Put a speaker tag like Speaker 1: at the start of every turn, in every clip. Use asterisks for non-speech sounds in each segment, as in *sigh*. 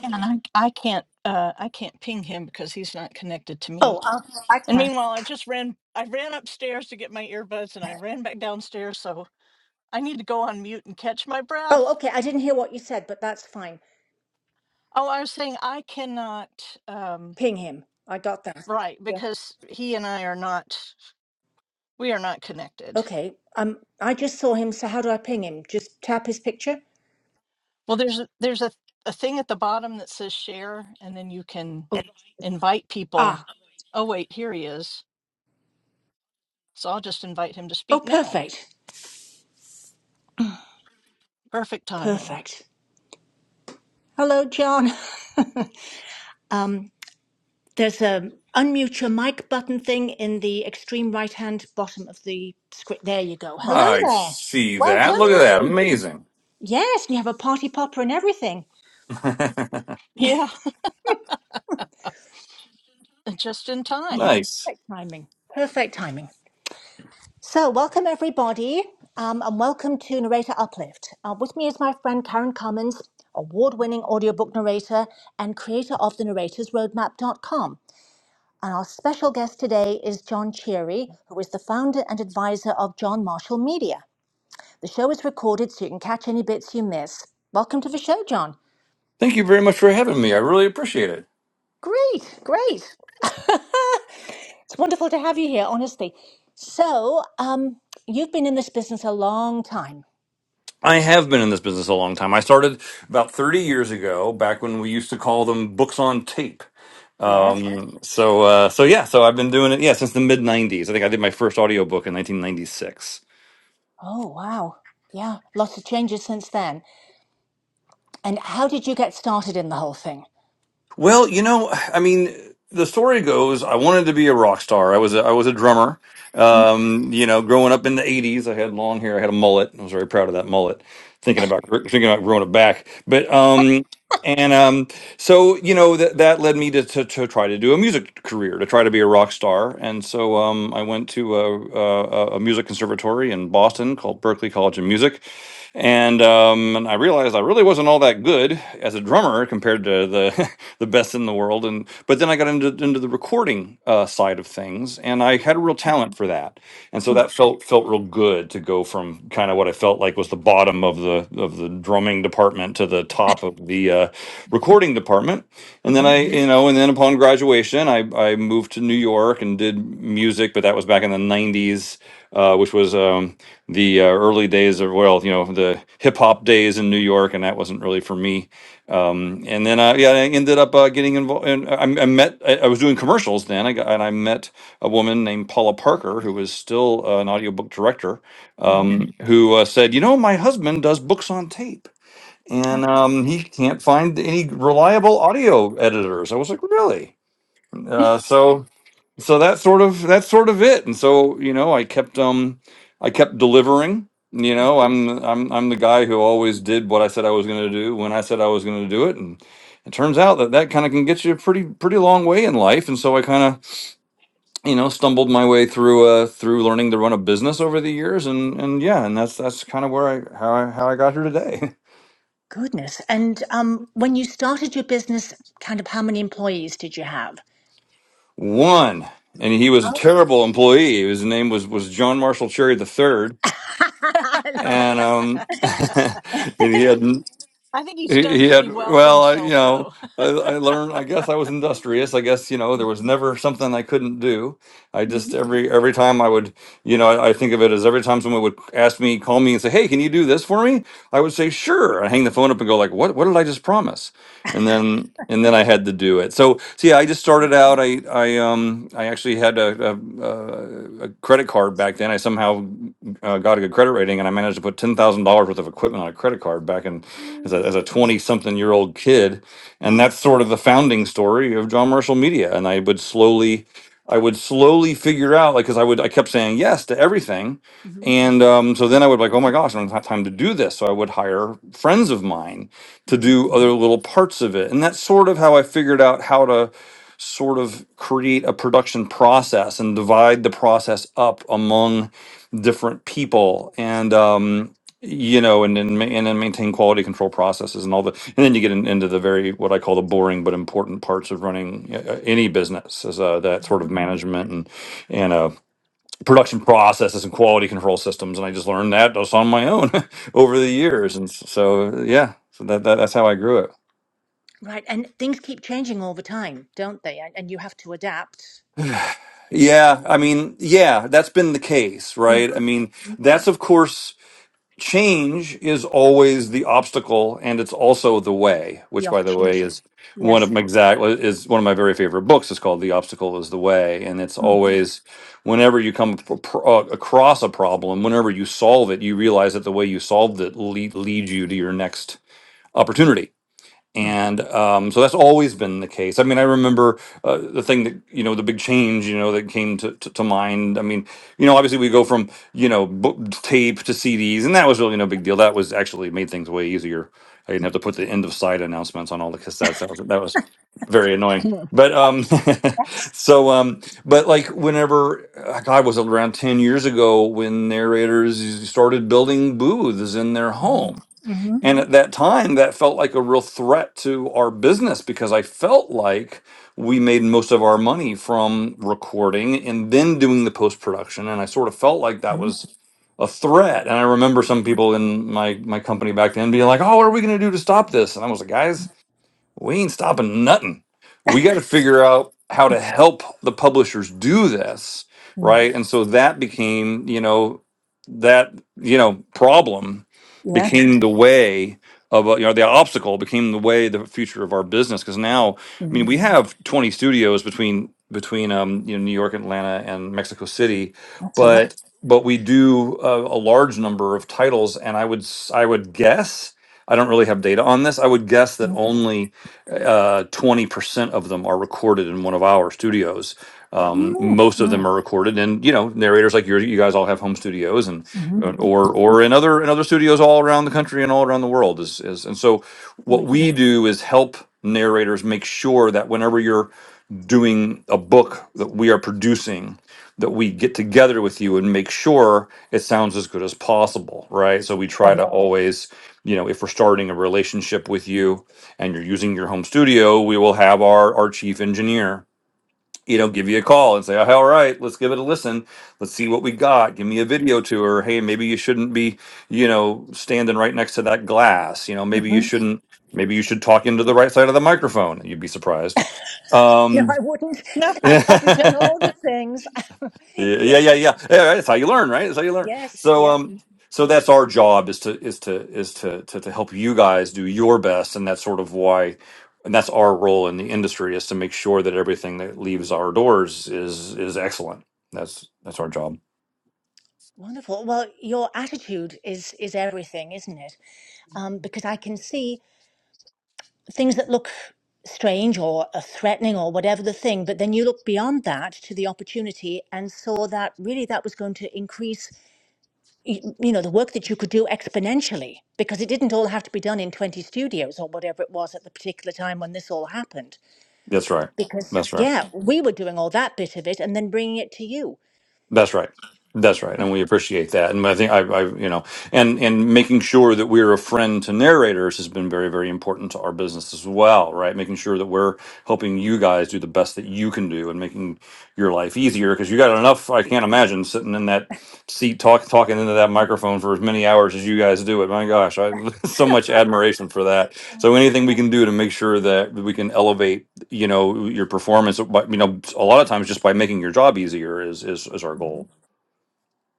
Speaker 1: Yeah, And I, I can't, uh, I can't ping him because he's not connected to me.
Speaker 2: Oh, I'll, I
Speaker 1: And
Speaker 2: can.
Speaker 1: meanwhile, I just ran, I ran upstairs to get my earbuds and I ran back downstairs. So I need to go on mute and catch my
Speaker 2: Oh,
Speaker 1: breath.
Speaker 2: okay. I didn't hear what you said, but that's fine.
Speaker 1: Oh, I was saying I cannot, um,
Speaker 2: Ping him. I got that.
Speaker 1: right. Because he and I are not, we are not connected.
Speaker 2: Okay. Um, I just saw him. So how do I ping him? Just tap his picture.
Speaker 1: Well, there's, a, there's a, a thing at the bottom that says share and then you can
Speaker 2: Oh,
Speaker 1: invite
Speaker 2: ah.
Speaker 1: people. Oh, wait, here he is. So I'll just invite him to
Speaker 2: Oh,
Speaker 1: speak now.
Speaker 2: perfect.
Speaker 1: Perfect timing. *laughs*
Speaker 2: Perfect. Hello, John. *laughs* um, there's a unmute your mic button thing in the extreme right hand bottom of the script. There you go. Hello
Speaker 3: I
Speaker 2: there.
Speaker 3: see
Speaker 2: Well
Speaker 3: that. Look at that.
Speaker 2: done.
Speaker 3: Amazing.
Speaker 2: Yes, we have a party popper and everything.
Speaker 1: Yeah. just in
Speaker 3: *laughs*
Speaker 1: time.
Speaker 2: Yeah.
Speaker 3: nice.
Speaker 2: Perfect timing. Perfect timing. So, welcome everybody, um, and welcome to Narrator Uplift. Uh, with me is my friend Karen Cummins, award winning audiobook narrator and creator of the narratorsroadmap.com. And our special guest today is John Cheery, who is the founder and advisor of John Marshall Media. The show is recorded so you can catch any bits you miss. Welcome to the show, John.
Speaker 3: Thank you very much for having me. I really appreciate it.
Speaker 2: Great, great. *laughs* it's wonderful to have you here, honestly. So, um, you've been in this business a long time.
Speaker 3: I have been in this business a long time. I started about 30 years ago, back when we used to call them books on tape.
Speaker 2: yeah.
Speaker 3: Um, so, uh, so yeah, so I've been doing it, yeah, since the mid 90s. I think I did my first audiobook in 1996.
Speaker 2: Oh, wow. Yeah, lots of changes since then. And how did you get started in the whole thing?
Speaker 3: Well, you know, I mean, the story goes I wanted to be a rock star. I was a, I was a drummer. Um, you know, growing up in the '80s, I had long hair. I had a mullet. I was very proud of that mullet. Thinking about thinking about growing it back, but um, and um, so you know that that led me to, to to try to do a music career, to try to be a rock star. And so um, I went to a, a, a music conservatory in Boston called Berklee College of Music, and um, and I realized I really wasn't all that good as a drummer compared to the *laughs* the best in the world. And but then I got into into the recording uh, side of things, and I had a real talent for that. And so
Speaker 2: Mm,
Speaker 3: that felt felt real good to go from kind of what I felt like was the bottom of the of the drumming department to the top of the uh, recording department. And then I
Speaker 2: mhm,
Speaker 3: you know and then upon graduation, I I moved to New York and did music, but that was back in the '90s uh, which was um, the uh, early days of well, you know, the hip hop days in New York, and that wasn't really for me. Um, and then, uh, yeah, I ended up uh, getting involved. And I, I met, I, I was doing commercials then, I got, and I met a woman named Paula Parker, who was still uh, an audiobook director,
Speaker 2: mhm.
Speaker 3: um, who uh, said, "You know, my husband does books on tape."
Speaker 2: Oh,
Speaker 3: And um, he can't find any reliable audio editors. I was like, really? Uh, so so that's sort of that's sort of it. And so you know, I kept um, I kept delivering. You know, I'm I'm I'm the guy who always did what I said I was going to do when I said I was going to do it, and it turns out that that kind of can get you a pretty pretty long way in life. And so I kind of you know stumbled my way through uh through learning to run a business over the years, and and yeah, and that's that's kind of where I how I how I got here today.
Speaker 2: goodness. And um, when you started your business, kind of how many employees did you have?
Speaker 3: *laughs* One. And he was a
Speaker 2: Oh.
Speaker 3: terrible employee. His name was was John Marshall Cherry the third.
Speaker 2: *laughs* I love
Speaker 1: *laughs*
Speaker 3: and
Speaker 2: it.
Speaker 3: um
Speaker 1: I
Speaker 3: *laughs* and he had
Speaker 1: think he's
Speaker 3: he
Speaker 1: done
Speaker 3: he had
Speaker 1: pretty well for
Speaker 3: well I, you
Speaker 1: himself,
Speaker 3: know
Speaker 1: though. *laughs*
Speaker 3: I, I learned i guess i was industrious i guess you know there was never something i couldn't do i just
Speaker 2: Mhm.
Speaker 3: every every time i would you know i, I think of it as every time someone would ask me call me and say hey can you do this for me i would say sure i hang the phone up and go like what what did i just promise and then and then I had to do it. So, so yeah, I just started out. I I um I actually had a a, a a credit card back then. I somehow uh, got a good credit rating, and I managed to put ten thousand dollars worth of equipment on a credit card back in as a as
Speaker 2: Ooh.
Speaker 3: a twenty something year old kid, and
Speaker 2: Oh,
Speaker 3: that's sort of the founding story of John Marshall Media. And I would slowly. I would slowly figure out, like, because I would, I kept saying yes to everything,
Speaker 2: mhm,
Speaker 3: and um, so then I would be like, oh my gosh, I don't have time to do this. So I would hire friends of mine to
Speaker 2: mhm,
Speaker 3: do other little parts of it. And that's sort of how I figured out how to sort of create a production process and divide the process up among different people. And, um, you know, and then ma- and then maintain quality control processes and all the, and then you get in, into the very what I call the boring but important parts of running uh, uh, any business, is uh, that sort of
Speaker 2: mhm.
Speaker 3: management and and uh, production processes and quality control systems and i just learned that just on my own *laughs* over the years and s- so yeah so that, that that's how i grew it
Speaker 2: Right. And things keep changing all the time, don't they? And, and you have to adapt.
Speaker 3: yeah i mean yeah that's been the case
Speaker 2: Mhm.
Speaker 3: right i mean that's of course change is always the obstacle and it's also the way
Speaker 2: The
Speaker 3: which by the way
Speaker 2: opportunity.
Speaker 3: is one of
Speaker 2: Yes.
Speaker 3: my exact is one of my very favorite books it's called the obstacle is the way and it's
Speaker 2: Mm,
Speaker 3: always whenever you come ap- pro- uh, across a problem whenever you solve it you realize that the way you solved it lead, leads you to your next opportunity
Speaker 2: mhm.
Speaker 3: and um, so that's always been the case. I mean, I remember uh, the thing that you know, the big change, you know, that came to, to, to mind. I mean, you know, obviously we go from you know book, tape to CDs, and that was really no big deal. That was actually made things way easier. I didn't have to put the end of side announcements on all the cassettes. That was that was very annoying.
Speaker 1: Mm,
Speaker 3: But um, *laughs*
Speaker 2: Yes.
Speaker 3: so um, but like whenever uh, God was it around ten years ago when narrators started building booths in their
Speaker 2: hmm
Speaker 3: home
Speaker 2: hmm
Speaker 3: and at that time, that felt like a real threat to our business because I felt like we made most of our money from recording and then doing the post production. And I sort of felt like that was a threat. And I remember some people in my, my company back then being like, oh, what are we going to do to stop this? And I was like, guys, we ain't stopping nothing. We got to figure out how to help the publishers do this,
Speaker 2: hmm
Speaker 3: right? And so that became, you know, that you know problem
Speaker 2: Yeah.
Speaker 3: became the way of uh, you know the obstacle became the way the future of our business because now I mean we have 20 studios between between um you know New York, Atlanta, and Mexico City,
Speaker 2: That's a lot.
Speaker 3: but but we do a, a large number of titles, and I would s- I would guess I don't really have data on this. I would guess that only uh, 20% of them are recorded in one of our studios. Um,
Speaker 2: Mm-hmm.
Speaker 3: most of them
Speaker 1: mm.
Speaker 3: are recorded and, you know, narrators like you, you guys all have home studios and,
Speaker 2: Mm-hmm.
Speaker 3: uh, or, or in other, in other studios all around the country and all around the world is, is, and so what
Speaker 2: Right.
Speaker 3: we do is help narrators make sure that whenever you're doing a book that we are producing that we get together with you and make sure it sounds as good as possible right so we try
Speaker 2: Lovely.
Speaker 3: to always you know if we're starting a relationship with you and you're using your home studio we will have our our chief engineer you know give you a call and say oh, all right let's give it a listen let's see what we got give me a video tour hey maybe you shouldn't be you know standing right next to that glass you know maybe you
Speaker 2: hmm
Speaker 3: shouldn't maybe you should talk into the right side of the microphone you'd be surprised
Speaker 2: No,
Speaker 3: um
Speaker 2: I wouldn't.
Speaker 1: No,
Speaker 3: *laughs*
Speaker 2: I've probably done
Speaker 3: yeah,
Speaker 2: all the things. *laughs*
Speaker 3: yeah,
Speaker 2: yeah.
Speaker 3: yeah, yeah. Yeah, right, That's how you learn, right? That's how you learn.
Speaker 2: Yes.
Speaker 3: So,
Speaker 2: Yeah.
Speaker 3: um, so that's our job is to is to is to to, to help you guys do your best, and that's sort of why, and that's our role in the industry is to make sure that everything that leaves our doors is is excellent. That's that's our job.
Speaker 2: Wonderful. Well, your attitude is is everything, isn't it? Um, because I can see things that look strange or uh, threatening or whatever the thing, but then you looked beyond that to the opportunity and saw that really that was going to increase y- you know the work that you could do exponentially because it didn't all have to be done in 20 studios or whatever it was at the particular time when this all happened
Speaker 3: That's right.
Speaker 2: because
Speaker 3: That's right.
Speaker 2: yeah we were doing all that bit of it and then bringing it to you
Speaker 3: That's right. That's right, and we appreciate that. And I think I, I, you know, and and making sure that we're a friend to narrators has been very, very important to our business as well, right? Making sure that we're helping you guys do the best that you can do, and making your life easier because you got enough. I can't imagine sitting in that seat talk, talking into that microphone for as many hours as you guys do it. My gosh, I *laughs* so much admiration for that. So anything we can do to make sure that we can elevate you know your performance but you know a lot of times just by making your job easier is is, is our
Speaker 2: Mhm.
Speaker 3: goal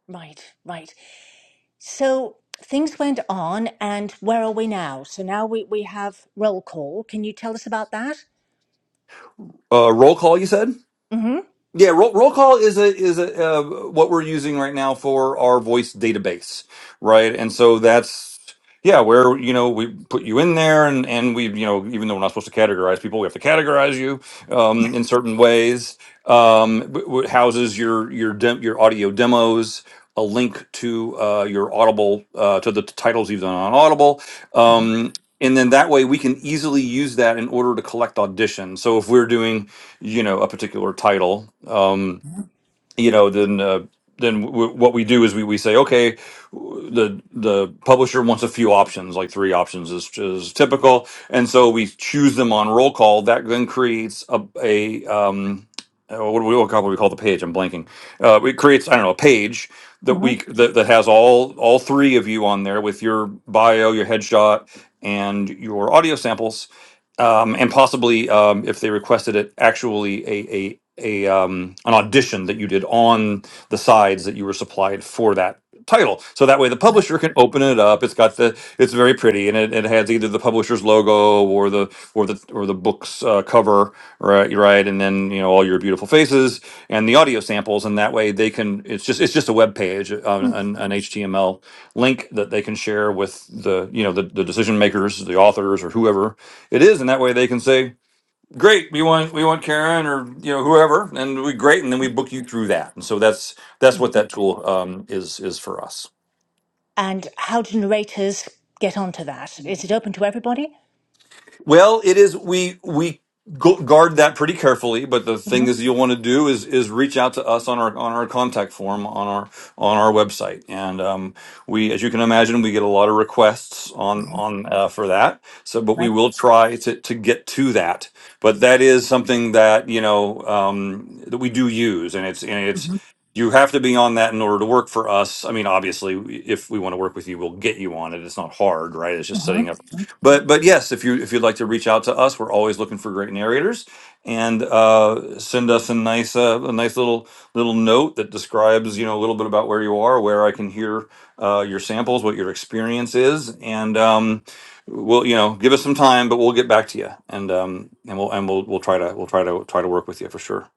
Speaker 2: right right so things went on and where are we now so now we, we have roll call can you tell us about that
Speaker 3: uh roll call you said
Speaker 2: hmm
Speaker 3: Yeah, roll, roll call is a is a uh, what we're using right now for our voice database, right? And so that's yeah, where you know we put you in there, and and we you know even though we're not supposed to categorize people, we have to categorize you um, in certain ways. Um, w- w- houses your your dem- your audio demos, a link to uh, your Audible uh, to the titles you've done on Audible.
Speaker 2: Mhm.
Speaker 3: Um, and then that way we can easily use that in order to collect auditions. So if we're doing you know a particular title um
Speaker 2: Mhm.
Speaker 3: you know then uh, then w- what we do is we, we say okay w- the the publisher wants a few options like three options is, is typical and so we choose them on roll call that then creates a, a um uh, what do we what do we call the page i'm blanking uh it creates i don't know a page that
Speaker 2: hmm
Speaker 3: we that, that has all all three of you on there with your bio your headshot and your audio samples um, and possibly um, if they requested it, actually a a a um, an audition that you did on the sides that you were supplied for that title. So that way the
Speaker 2: Right.
Speaker 3: publisher can open it up. It's got the it's very pretty and it, it has either the publisher's logo or the or the or the book's uh, cover, right? Right, and then you know all your beautiful faces and the audio samples, and that way they can. It's just it's just a web page, an, an, an HTML link that they can share with the you know the, the decision makers, the authors, or whoever it is, and that way they can say. Great, we want we want Karen or you know whoever, and we great, and then we book you through that, and so that's that's what
Speaker 2: Mhm.
Speaker 3: that tool um, is is for us.
Speaker 2: and how do narrators get onto that is it open to everybody
Speaker 3: Well, it is we we gu- guard that pretty carefully, but the thing
Speaker 2: Mhm.
Speaker 3: is you'll want to do is is reach out to us on our on our contact form on our on our website, and um, we as you can imagine we get a lot of requests on
Speaker 2: Mhm.
Speaker 3: on uh, for that. So, but we
Speaker 2: Right.
Speaker 3: will try to to get to that. But that is something that you know um, that we do use, and it's and it's. You have to be on that in order to work for us. I mean, obviously, if we want to work with you, we'll get you on it. It's not hard, right? It's just
Speaker 2: Uh-huh.
Speaker 3: setting up
Speaker 2: Mhm.
Speaker 3: but but yes, if you if you'd like to reach out to us, we're always looking for great narrators, and uh, send us a nice uh, a nice little little note that describes you know a little bit about where you are, where I can hear uh, your samples, what your experience is, and um, we'll you know give us some time, but we'll get back to you, and um, and we'll and we'll we'll try to we'll try to try to work with you for sure.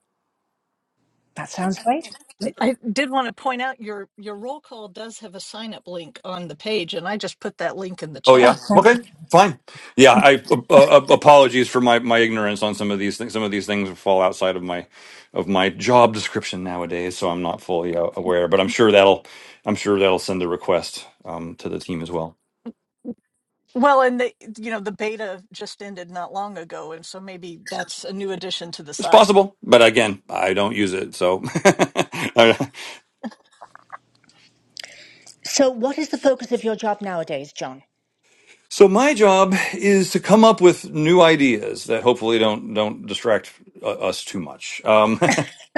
Speaker 2: That sounds great.
Speaker 1: I did want to point out your your roll call does have a sign up link on the page, and I just put that link in the
Speaker 3: Oh
Speaker 2: Oh,
Speaker 3: yeah.
Speaker 1: chat.
Speaker 2: thank
Speaker 3: Okay.
Speaker 2: you.
Speaker 3: Fine. Yeah. I uh, uh, apologies for my, my ignorance on some of these things. Some of these things fall outside of my of my job description nowadays, so I'm not fully uh, aware. But I'm sure that'll I'm sure that'll send a request um, to the team as well.
Speaker 1: Well, and the you know the beta just ended not long ago, and so maybe that's a new addition to the
Speaker 3: It's
Speaker 1: site.
Speaker 3: possible, but again, I don't use it. So,
Speaker 2: So, what is the focus of your job nowadays, John?
Speaker 3: *laughs* so my job is to come up with new ideas that hopefully don't don't distract uh, us too much. Um,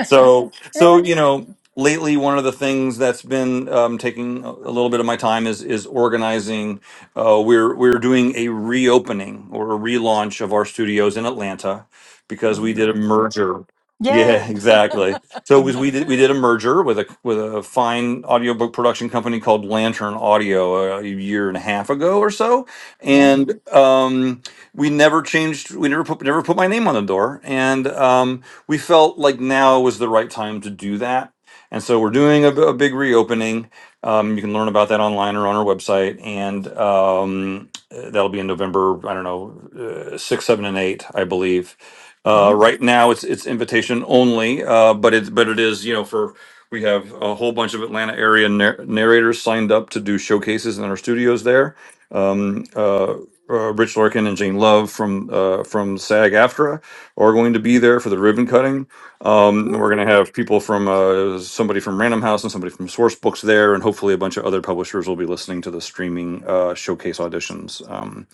Speaker 3: So,
Speaker 2: Yeah.
Speaker 3: so you know, lately one of the things that's been um, taking a a little bit of my time is is organizing. Uh, we're we're doing a reopening or a relaunch of our studios in Atlanta because
Speaker 2: hmm
Speaker 3: we did a merger. Yeah, *laughs*
Speaker 1: Yay!
Speaker 3: exactly.
Speaker 1: *laughs*
Speaker 3: So it
Speaker 2: mm
Speaker 3: was, we did we did
Speaker 1: Ah.
Speaker 3: a merger with a with a fine audiobook production company called Lantern Audio uh, a year and a half ago or so,
Speaker 2: Yeah.
Speaker 3: and um, we never changed we never put never put my name on the door and um, we felt like now was the right time to do that and so we're doing a a big reopening um, you can learn about that online or on our website and um, uh, that'll be in november i don't know uh, six seven and eight i believe uh,
Speaker 2: hmm
Speaker 3: right now it's it's invitation only uh, but it's but it is you know for we have a whole bunch of atlanta area nar- narrators signed up to do showcases in our studios there um, uh, uh, Rich Larkin and Jane Love from uh, from SAG-AFTRA are going to be there for the ribbon cutting. Um, and we're going to have people from uh, somebody from Random House and somebody from Sourcebooks there, and hopefully a bunch of other publishers will be listening to the streaming uh, showcase auditions um,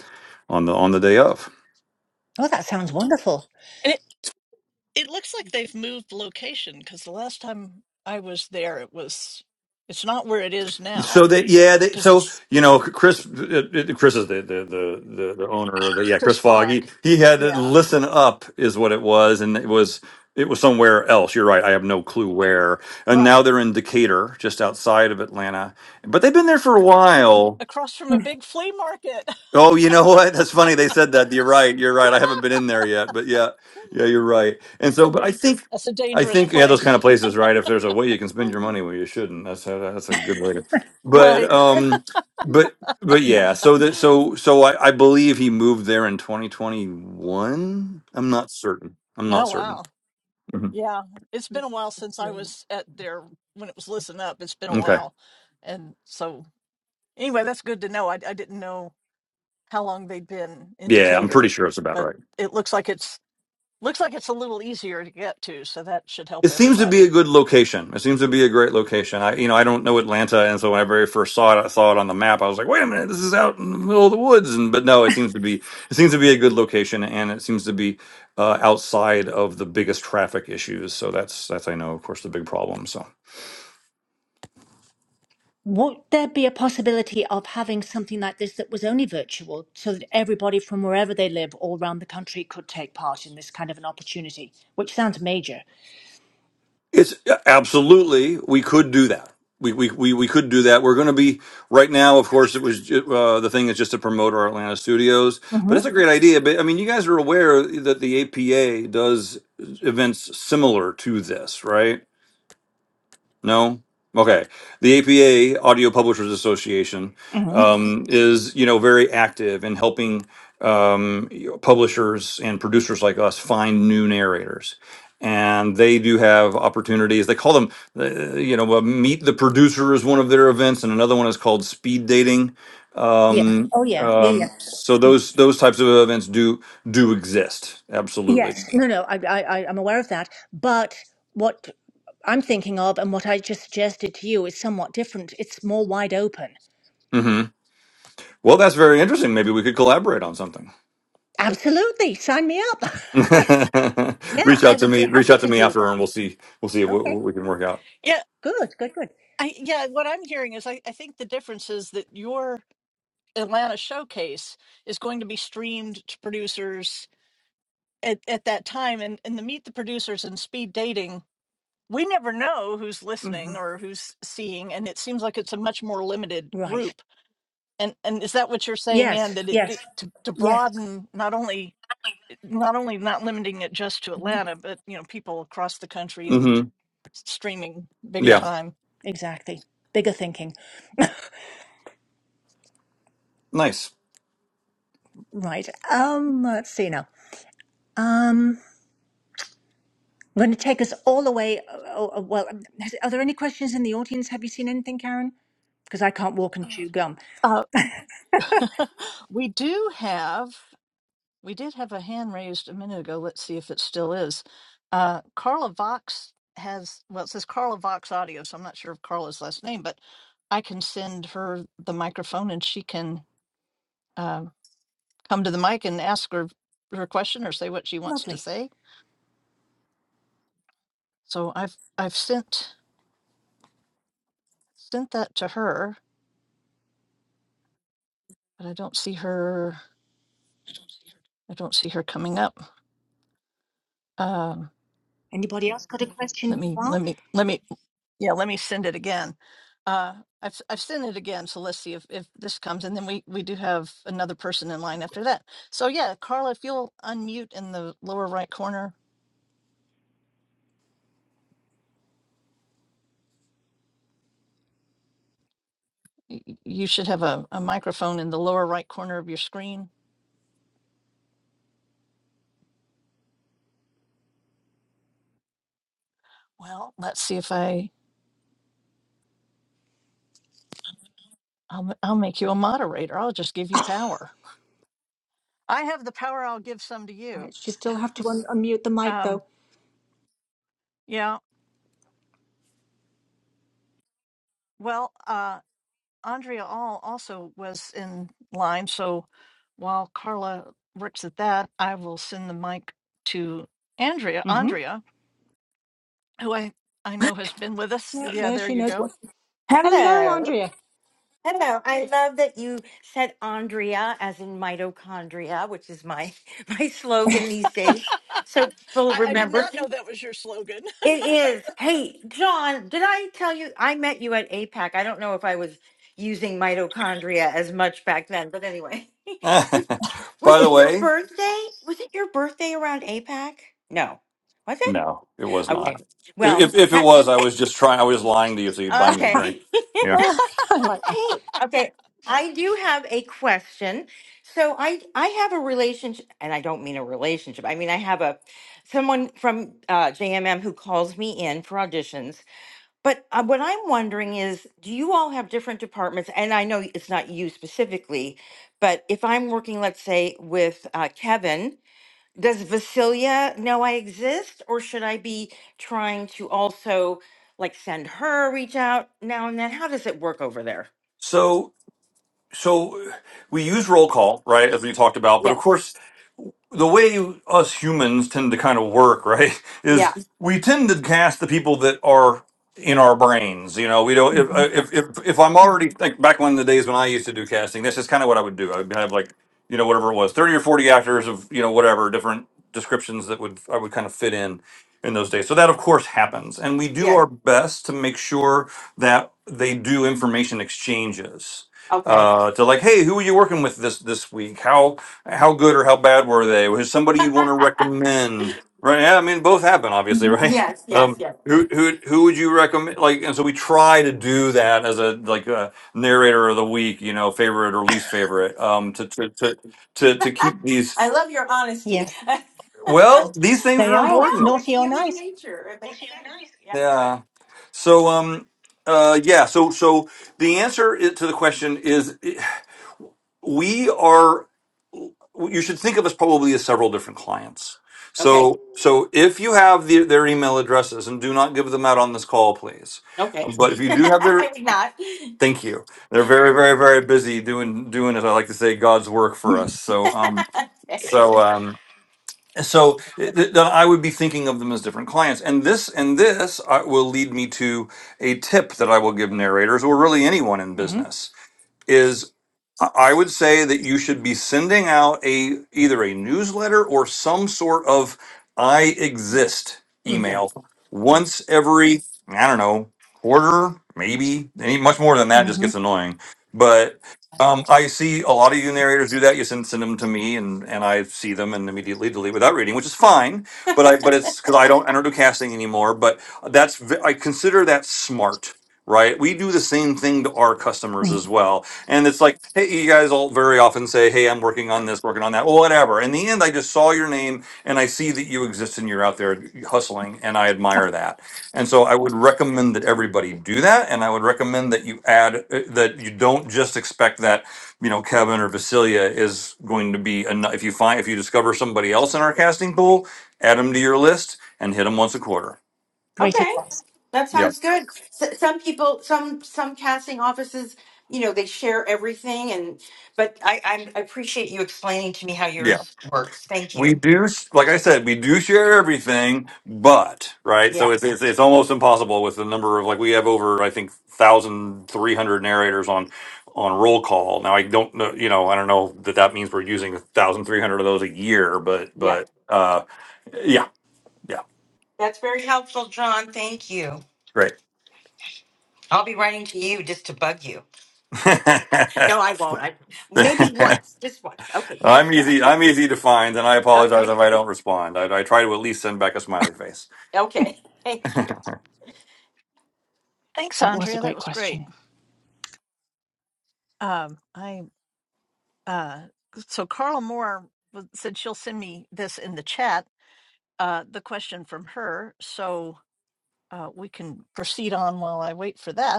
Speaker 3: on the on the day of.
Speaker 2: Oh, that sounds wonderful.
Speaker 1: And it, it looks like they've moved location because the last time I was there, it was, it's not where it is
Speaker 3: So
Speaker 1: now
Speaker 3: that yeah, they,
Speaker 1: because
Speaker 3: so
Speaker 1: it's
Speaker 3: you know, Chris, uh, uh, Chris is the the the the, the owner of the yeah,
Speaker 1: Chris
Speaker 3: Chris Fogg.
Speaker 1: Fogg.
Speaker 3: He, he had to
Speaker 1: Yeah,
Speaker 3: listen up, is what it was, and it was it was somewhere else. You're right. I have no clue where. And now
Speaker 1: right.
Speaker 3: they're in Decatur, just outside of Atlanta, but they've been there for a while.
Speaker 1: Across from a
Speaker 2: Mm.
Speaker 1: big flea market. *laughs*
Speaker 3: Oh, you know what? That's funny. They said that. You're right. You're right. I haven't been in there yet, but yeah, yeah, you're right. And so, but I think,
Speaker 1: That's a
Speaker 3: I
Speaker 1: dangerous
Speaker 3: think, yeah, those kind of
Speaker 1: place.
Speaker 3: places, right? If there's a way you can spend your
Speaker 1: *laughs*
Speaker 3: money, where you shouldn't. That's a, that's a good way to. But
Speaker 1: Right.
Speaker 2: Yeah.
Speaker 3: um, but but yeah. So that
Speaker 1: Oh,
Speaker 3: so so I I believe he moved there in 2021. I'm not certain. I'm not certain.
Speaker 1: wow.
Speaker 3: Mhm.
Speaker 1: Yeah. It's been a while since I was at there when it was Listen Up. It's been a
Speaker 3: Okay.
Speaker 1: while. And so, anyway, that's good to know. I, I didn't know. how long they'd been in
Speaker 3: Yeah, I'm pretty
Speaker 1: Decatur,
Speaker 3: sure it's about
Speaker 1: but
Speaker 3: right.
Speaker 1: it looks like it's looks like it's a little easier to get to, so that should help
Speaker 3: It seems to be a
Speaker 1: everybody.
Speaker 3: good location. It seems to be a great location. I, you know, I don't know Atlanta, and so when I very first saw it, I saw it on the map. I was like, "Wait a minute, this is out in the middle of the woods." And but no, it seems to be it seems to be a good location, and it seems to be uh, outside of the biggest traffic issues. So that's that's I know, of course, the big problem. So.
Speaker 2: Would there be a possibility of having something like this that was only virtual so that everybody from wherever they live all around the country could take part in this kind of an opportunity, which sounds major?
Speaker 3: It's yeah, absolutely we could do that. We we we, we could do that. We're going to be right now. Of course, it was ju- uh, the thing is just to promote our Atlanta studios, but
Speaker 2: Mm-hmm.
Speaker 3: that's a great idea. But I mean, you guys are aware that the APA does events similar to this, right? No? Okay. The APA, Audio Publishers Association,
Speaker 2: hmm
Speaker 3: um, is, you know, very active in helping um, you know, publishers and producers like us find new narrators. And they do have opportunities. They call them, uh, you know, uh, Meet the Producer is one of their events, and another one is called Speed Dating.
Speaker 2: Yeah.
Speaker 3: Um,
Speaker 2: Oh, yeah. Yeah, yeah.
Speaker 3: um, so those those types of events do do exist. Absolutely.
Speaker 2: Yes, no, no, I, I, I- I'm aware of that. But what I'm thinking of and what I just suggested to you is somewhat different. It's more wide open.
Speaker 3: hmm Well, that's very interesting. Maybe we could collaborate on something.
Speaker 2: Absolutely, sign me up.
Speaker 3: *laughs*
Speaker 2: *laughs* yeah,
Speaker 3: reach
Speaker 2: I
Speaker 3: out to
Speaker 2: would be
Speaker 3: me. Reach
Speaker 2: happy
Speaker 3: out to
Speaker 2: to
Speaker 3: me
Speaker 2: do
Speaker 3: after, and we'll
Speaker 2: that.
Speaker 3: see. We'll see what,
Speaker 2: Okay,
Speaker 3: what we can work out.
Speaker 1: Yeah,
Speaker 2: good, good, good.
Speaker 1: I yeah, what I'm hearing is I, I think the difference is that your Atlanta showcase is going to be streamed to producers at, at that time and, and the meet the producers and speed dating, we never know who's
Speaker 2: hmm
Speaker 1: listening or who's seeing, and it seems like it's a much more limited
Speaker 2: Right.
Speaker 1: group. And and is that what you're saying, Anne,
Speaker 2: Yes,
Speaker 1: that it,
Speaker 2: yes,
Speaker 1: it to, to
Speaker 2: yes.
Speaker 1: broaden not only not only not limiting it just to Atlanta, but you know, people across the country and
Speaker 3: hmm
Speaker 1: streaming bigger
Speaker 2: Yeah,
Speaker 3: Yeah.
Speaker 1: time.
Speaker 2: exactly. Bigger thinking. *laughs*
Speaker 3: Nice.
Speaker 2: Right. Um, let's see now. Um, I'm going to take us all the way. Oh, oh, well, um, has- are there any questions in the audience? Have you seen anything, Karen? Because I can't walk and chew gum.
Speaker 1: Uh, *laughs* we do have, we did have a hand raised a minute ago. Let's see if it still is. Uh, Carla Vox has, well, it says Carla Vox Audio, so I'm not sure of Carla's last name, but I can send her the microphone and she can um come to the mic and ask her her question or say what she wants to
Speaker 2: Lovely.
Speaker 1: say. So I've I've sent sent that to her but I don't see her. I don't see her coming up. Um,
Speaker 2: Anybody else got a
Speaker 1: let
Speaker 2: question
Speaker 1: me,
Speaker 2: meanwhile?
Speaker 1: let me, let me, yeah, let me send it again. Uh, I've, I've sent it again. So let's see if, if this comes. And then we, we do have another person in line after that. So yeah, Carla, if you'll unmute in the lower right corner, y- y- you should have a, a microphone in the lower right corner of your screen. Well, let's see if I, I'll, m- I'll make you a moderator. I'll just give you
Speaker 2: Oh,
Speaker 1: power. I have the power. I'll give some to
Speaker 2: *laughs*
Speaker 1: you.
Speaker 2: Right, she still have to un- unmute the mic
Speaker 1: Um,
Speaker 2: though.
Speaker 1: yeah. Well, Uh. Andrea All also was in line. So while Carla works at that, I will send the mic to Andrea.
Speaker 2: Mm-hmm.
Speaker 1: Andrea, who I I know has been with us.
Speaker 2: There,
Speaker 1: Yeah,
Speaker 2: there
Speaker 1: there
Speaker 2: she
Speaker 1: you
Speaker 2: knows
Speaker 1: go.
Speaker 2: what. Hello,
Speaker 4: Hello.
Speaker 2: Andrea. *laughs*
Speaker 4: Hello. I love that you said Andrea as in mitochondria, which is my *laughs* my slogan these days.
Speaker 1: *laughs*
Speaker 4: So people
Speaker 1: I, I did
Speaker 4: remember.
Speaker 1: not know that was your slogan.
Speaker 4: It is. Hey, John, did I tell you I met you at APAC? I don't know if I was using mitochondria as much back then, but anyway. *laughs*
Speaker 3: *laughs* By
Speaker 4: Was was
Speaker 3: the
Speaker 4: it your
Speaker 3: way,
Speaker 4: birthday? Was it your birthday around APAC? No. Was it?
Speaker 3: no, it was
Speaker 4: Okay.
Speaker 3: not. If,
Speaker 4: Well,
Speaker 3: if if it
Speaker 4: ha-
Speaker 3: was, I was just trying. I was lying to you, so you'd buy me a drink.
Speaker 4: okay. *laughs*
Speaker 3: Yeah.
Speaker 2: Ah, I like that.
Speaker 4: Hey, okay. I do have a question. So I I have a relationship, and I don't mean a relationship. I mean I have a someone from uh, JMM who calls me in for auditions. But uh, what I'm wondering is, do you all have different departments? And I know it's not you specifically, but if I'm working, let's say, with uh, Kevin, does Vasilia know I exist, or should I be trying to also like send her a reach out now and then? How does it work over there?
Speaker 3: So so we use roll call, right, as we talked about. But of course,
Speaker 4: Yes.
Speaker 3: the way us humans tend to kind of work, *laughs* right,
Speaker 4: Yeah.
Speaker 3: is we tend to cast the people that are in our brains. You know, we don't. If uh,
Speaker 2: Mm-hmm.
Speaker 4: Yes.
Speaker 3: if if, if I'm already think back when the days when I used to do casting, this is kind of what I would do. I would have like you know whatever it was, thirty or forty actors of you know whatever different descriptions that would I would kind of fit in in those days. So that of course happens, and we do
Speaker 4: Yeah.
Speaker 3: our best to make sure that they do information exchanges
Speaker 4: Okay.
Speaker 3: uh, to like, hey, who are you working with this this week? How how good or how bad were they? Was somebody you'd want to
Speaker 4: *laughs*
Speaker 3: recommend? Right? Yeah, I mean, both happen, obviously, right?
Speaker 4: yes.
Speaker 3: *laughs*
Speaker 4: Yes.
Speaker 3: Um,
Speaker 4: Yes.
Speaker 3: who who who would you recommend? Like, and so we try to do that as a like a narrator of the week, you know, favorite or least favorite, um, to to to to, to
Speaker 4: *laughs*
Speaker 3: keep these.
Speaker 4: I love your honesty.
Speaker 2: Yes,
Speaker 4: *laughs*
Speaker 3: Well, these things
Speaker 2: they
Speaker 3: are
Speaker 4: I
Speaker 2: are
Speaker 3: important.
Speaker 4: know it's
Speaker 2: naughty or
Speaker 4: human
Speaker 2: nice.
Speaker 4: nature. It makes It's human sense. nature. Yeah.
Speaker 3: Yeah. So um. Uh, yeah, so so the answer i- to the question is we are you should think of us probably as several different clients
Speaker 4: Okay.
Speaker 3: so so if you have the, their email addresses and do not give them out on this call please
Speaker 4: Okay.
Speaker 3: but if
Speaker 4: *laughs*
Speaker 3: you do have their
Speaker 4: I would not.
Speaker 3: thank you they're very very very busy doing doing as i like to say god's work for us so um
Speaker 4: *laughs* okay.
Speaker 3: so um so th- th- then i would be thinking of them as different clients and this and this uh, will lead me to a tip that i will give narrators or really anyone in
Speaker 2: Mm-hmm.
Speaker 3: business I would say that you should be sending out a either a newsletter or some sort of I
Speaker 2: Yeah.
Speaker 3: exist
Speaker 4: Yeah.
Speaker 3: email once every, I don't know, quarter, maybe. Any much more than that just
Speaker 2: Mm-hmm.
Speaker 3: gets annoying. But um, I see a lot of you narrators do that. You send send them to me and and I see them and immediately delete without reading, which is fine. But I but it's because I don't I don't do casting anymore. But that's ve- I consider that smart, right? We do the same thing to our customers as well and it's like, hey, you guys all very often say, hey, I'm working on this, working on that, well, whatever. In the end, I just saw your name and I see that you exist and you're out there hustling, and I admire that. And so I would recommend that everybody do that. And I would recommend that you add uh, that you don't just expect that, you know, Kevin or Vasilia is going to be enough. If you find, if you discover somebody else in our casting pool, add them to your list and hit them once a quarter.
Speaker 2: Great
Speaker 4: Okay.
Speaker 2: advice.
Speaker 4: That
Speaker 3: Yeah.
Speaker 4: sounds good. S- some people, some some casting offices, you know, they share everything, and but I, I'm- I appreciate you explaining to me how
Speaker 3: Yeah.
Speaker 4: yours works. Thank you.
Speaker 3: We do, like I said, we do share everything, but right.
Speaker 4: Yeah.
Speaker 3: So it's it's, it's almost impossible with the number of like we have over I think thousand three hundred narrators on on roll call. Now I don't know, you know, I don't know that that means we're using thousand three hundred of those a year, but
Speaker 4: Yeah.
Speaker 3: but uh, yeah, yeah,
Speaker 4: That's very helpful, John. Thank you.
Speaker 3: great.
Speaker 4: I'll be writing to you just to bug you. No, I won't. I maybe once, just once. Okay,
Speaker 3: *laughs* I'm
Speaker 4: thanks, John.
Speaker 3: easy.
Speaker 4: *laughs*
Speaker 3: I'm easy to find, and I apologize
Speaker 4: Okay,
Speaker 3: if I don't respond. I, I try to at least send back a smiley face.
Speaker 4: okay, thank you.
Speaker 1: *laughs* Thanks, Andrea. That was great. Um, I uh, so Carla Moore w- said she'll send me this in the chat. Uh, the question from her, so uh, we can proceed on while I wait for that.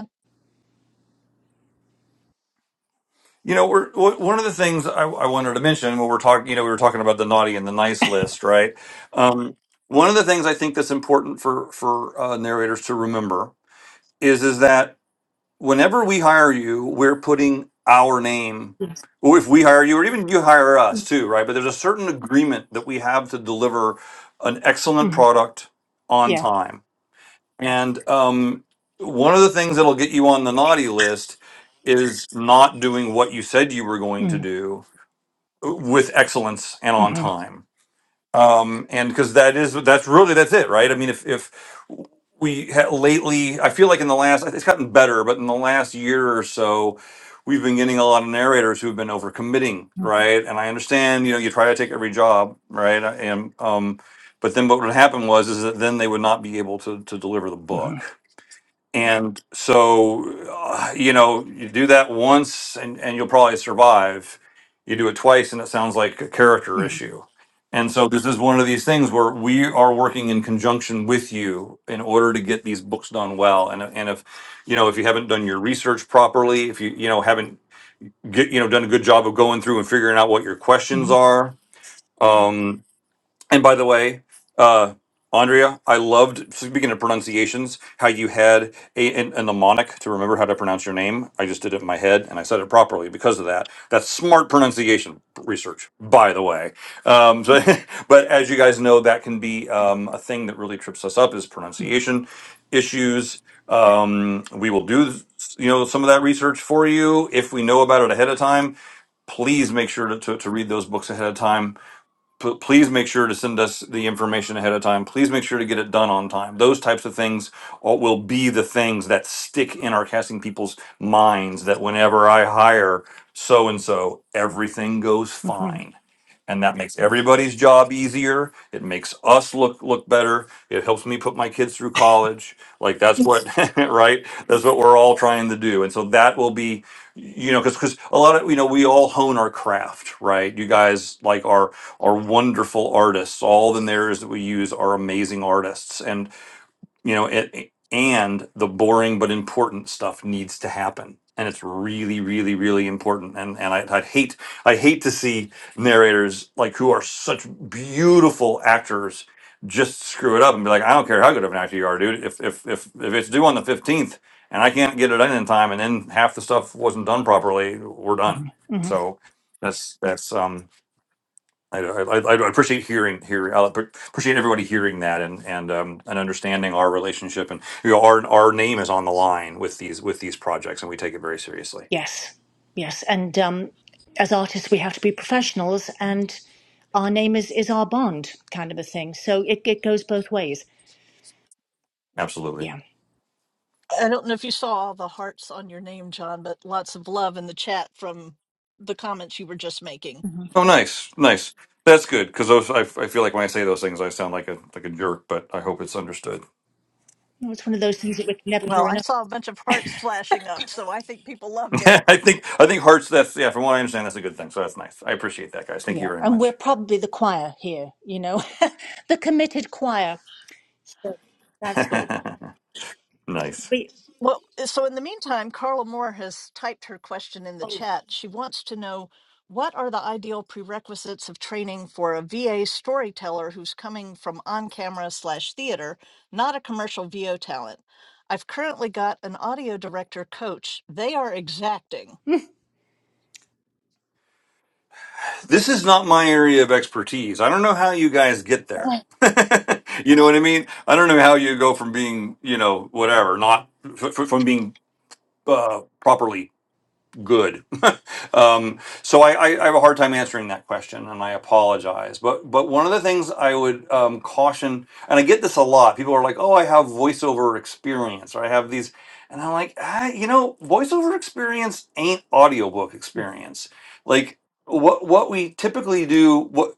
Speaker 3: You know, we're w- one of the things I, I wanted to mention when we're talking. You know, we were talking about the naughty and the nice list, right? Um, one of the things I think that's important for for uh, narrators to remember is is that whenever we hire you, we're putting our name.
Speaker 2: Yes.
Speaker 3: Or if we hire you, or even you hire us too, right? But there's a certain agreement that we have to deliver an excellent
Speaker 2: Mm-hmm.
Speaker 3: product on
Speaker 2: Yeah.
Speaker 3: time and um, one of the things that'll get you on the naughty list is not doing what you said you were going to
Speaker 2: Mm-hmm.
Speaker 3: do with excellence and on
Speaker 2: Mm-hmm.
Speaker 3: time. Um, and because that is that's really that's it, right? I mean, if if we ha- lately, I feel like in the last it's gotten better, but in the last year or so. We've been getting a lot of narrators who've been overcommitting, right? And I understand, you know, you try to take every job, right? And um, but then what would happen was is that then they would not be able to to deliver the
Speaker 2: Mm-hmm.
Speaker 3: book and so, uh, you know, you do that once and, and you'll probably survive. You do it twice and it sounds like a character
Speaker 2: Mm-hmm.
Speaker 3: issue. And so, this is one of these things where we are working in conjunction with you in order to get these books done well. And, and if, you know, if you haven't done your research properly, if you, you know, haven't get, you know, done a good job of going through and figuring out what your questions
Speaker 2: Mm-hmm.
Speaker 3: are, um, and by the way, uh, Andrea, I loved speaking of pronunciations how you had a, a, a mnemonic to remember how to pronounce your name. I just did it in my head and I said it properly because of that. That's smart pronunciation research, by the way. Um, so, *laughs* but as you guys know, that can be um, a thing that really trips us up is pronunciation issues. Um, we will do you know some of that research for you if we know about it ahead of time. Please make sure to, to, to read those books ahead of time P- please make sure to send us the information ahead of time. Please make sure to get it done on time. Those types of things all- will be the things that stick in our casting people's minds that whenever I hire so and so, everything goes
Speaker 2: Mm-hmm.
Speaker 3: fine. And that makes everybody's job easier. It makes us look look better. It helps me put my kids through college. Like that's what *laughs* right? That's what we're all trying to do. And so that will be you know because because a lot of you know we all hone our craft right you guys like are are wonderful artists. All the narratives that we use are amazing artists, and you know it. And the boring but important stuff needs to happen, and it's really, really, really important. And and I, I'd hate I hate to see narrators like who are such beautiful actors just screw it up and be like, I don't care how good of an actor you are, dude. If if if if it's due on the fifteenth and I can't get it done in time, and then half the stuff wasn't done properly, we're done.
Speaker 2: Mm-hmm. Mm-hmm.
Speaker 3: So that's that's um I, I, I I appreciate hearing hearing I appreciate everybody hearing that and and um, and understanding our relationship and you know our our name is on the line with these with these projects and we take it very seriously.
Speaker 2: Yes, yes, and um, as artists, we have to be professionals, and our name is is our bond, kind of a thing. So it it goes both ways.
Speaker 3: Absolutely.
Speaker 2: Yeah,
Speaker 1: I don't know if you saw all the hearts on your name, John, but lots of love in the chat from the comments you were just making.
Speaker 2: hmm
Speaker 3: Oh, nice, nice. That's good because those I, I feel like when I say those things I sound like a like a jerk, but I hope it's understood.
Speaker 2: it's one of those things that we can never
Speaker 1: Well,
Speaker 2: hear
Speaker 1: I
Speaker 2: enough.
Speaker 1: saw a bunch of hearts flashing up, so I think people
Speaker 3: *laughs*
Speaker 1: loved it.
Speaker 3: I think I think hearts. That's yeah. From what I understand, that's a good thing. So that's nice. I appreciate that, guys. Thank you
Speaker 2: Yeah,
Speaker 3: very
Speaker 2: and we're
Speaker 3: much.
Speaker 2: probably the choir here, you know, *laughs* the committed choir. So that's good.
Speaker 3: *laughs* nice.
Speaker 2: We,
Speaker 1: Well, eh, so in the meantime, Carla Moore has typed her question in the
Speaker 2: oh,
Speaker 1: chat. She wants to know what are the ideal prerequisites of training for a VA storyteller who's coming from on camera slash theater, not a commercial VO talent? I've currently got an audio director coach. They are exacting.
Speaker 3: this is not my area of expertise. I don't know how you guys get there. *laughs* you know what I mean? I don't know how you go from being, you know, whatever, not f- f- from being uh, properly good. *laughs* um, so I, I, I have a hard time answering that question, and I apologize. But but one of the things I would um, caution, and I get this a lot. People are like, "Oh, I have voiceover experience," or "I have these," and I'm like, ah, you know, voiceover experience ain't audiobook
Speaker 2: mm,
Speaker 3: experience. Like what what we typically do. What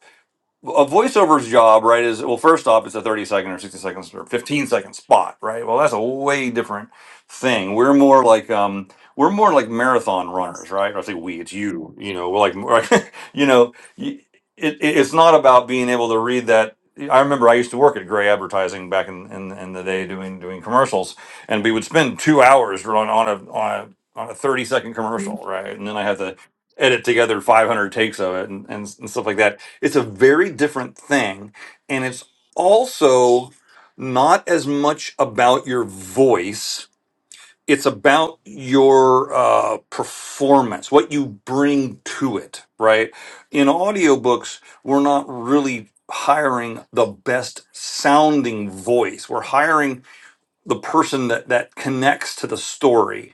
Speaker 3: a voiceover's job, right, is well, first off, it's a 30 second or 60 seconds or 15 second spot, right? Well, that's a way different thing. We're more like, um, we're more like marathon runners,
Speaker 2: yes.
Speaker 3: right? Or I say we, it's you, you know, we're like, *laughs* you know, y- it, it- it's not about being able to read that. I remember I used to work at Gray Advertising back in, in, in the day doing doing commercials, and we would spend two hours on, on a on a on a thirty second commercial, right? And then I had to edit together five hundred takes of it and, and, and stuff like that it's a very different thing. And it's also not as much about your voice, it's about your uh, performance, what you bring to it, right? In audiobooks, we're not really hiring the best sounding voice, we're hiring the person that, that connects to the story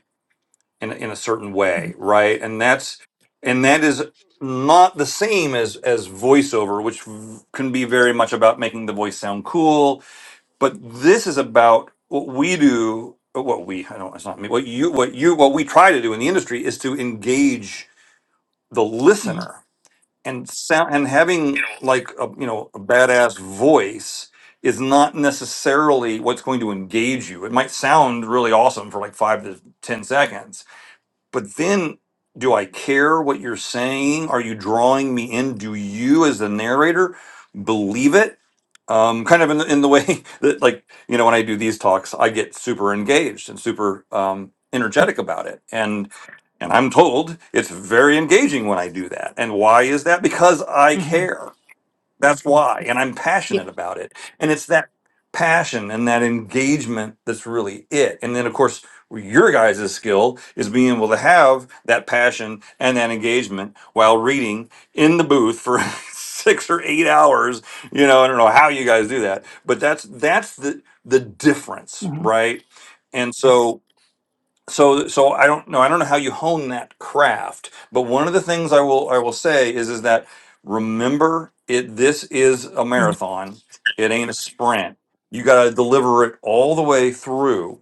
Speaker 3: in in a certain way, right? And that's and that is not the same as as voiceover, which v- can be very much about making the voice sound cool. But this is about what we do. uh, What we I don't it's not me. What you what you what we try to do in the industry is to engage the
Speaker 2: hmm
Speaker 3: listener and sound and having like a you know a badass voice is not necessarily what's going to engage you. It might sound really awesome for like five to ten seconds but then do I care what you're saying? Are you drawing me in? Do you, as the narrator, believe it? Um, kind of in the, in the way *laughs* that, like, you know, when I do these talks, I get super engaged and super um, energetic about it, and and I'm told it's very engaging when I do that. And why is that? Because I
Speaker 2: hmm
Speaker 3: care. That's why. And I'm
Speaker 2: Yeah.
Speaker 3: passionate about it. And it's that passion and that engagement that's really it. And then, of course, your guys' skill is being able to have that passion and that engagement while reading in the booth for *laughs* six or eight hours. You know, I don't know how you guys do that, but that's that's the the difference,
Speaker 2: hmm
Speaker 3: right? And so so so i don't know i don't know how you hone that craft but one of the things i will i will say is is that remember it this is a
Speaker 2: hmm
Speaker 3: marathon it ain't a sprint you got to deliver it all the way through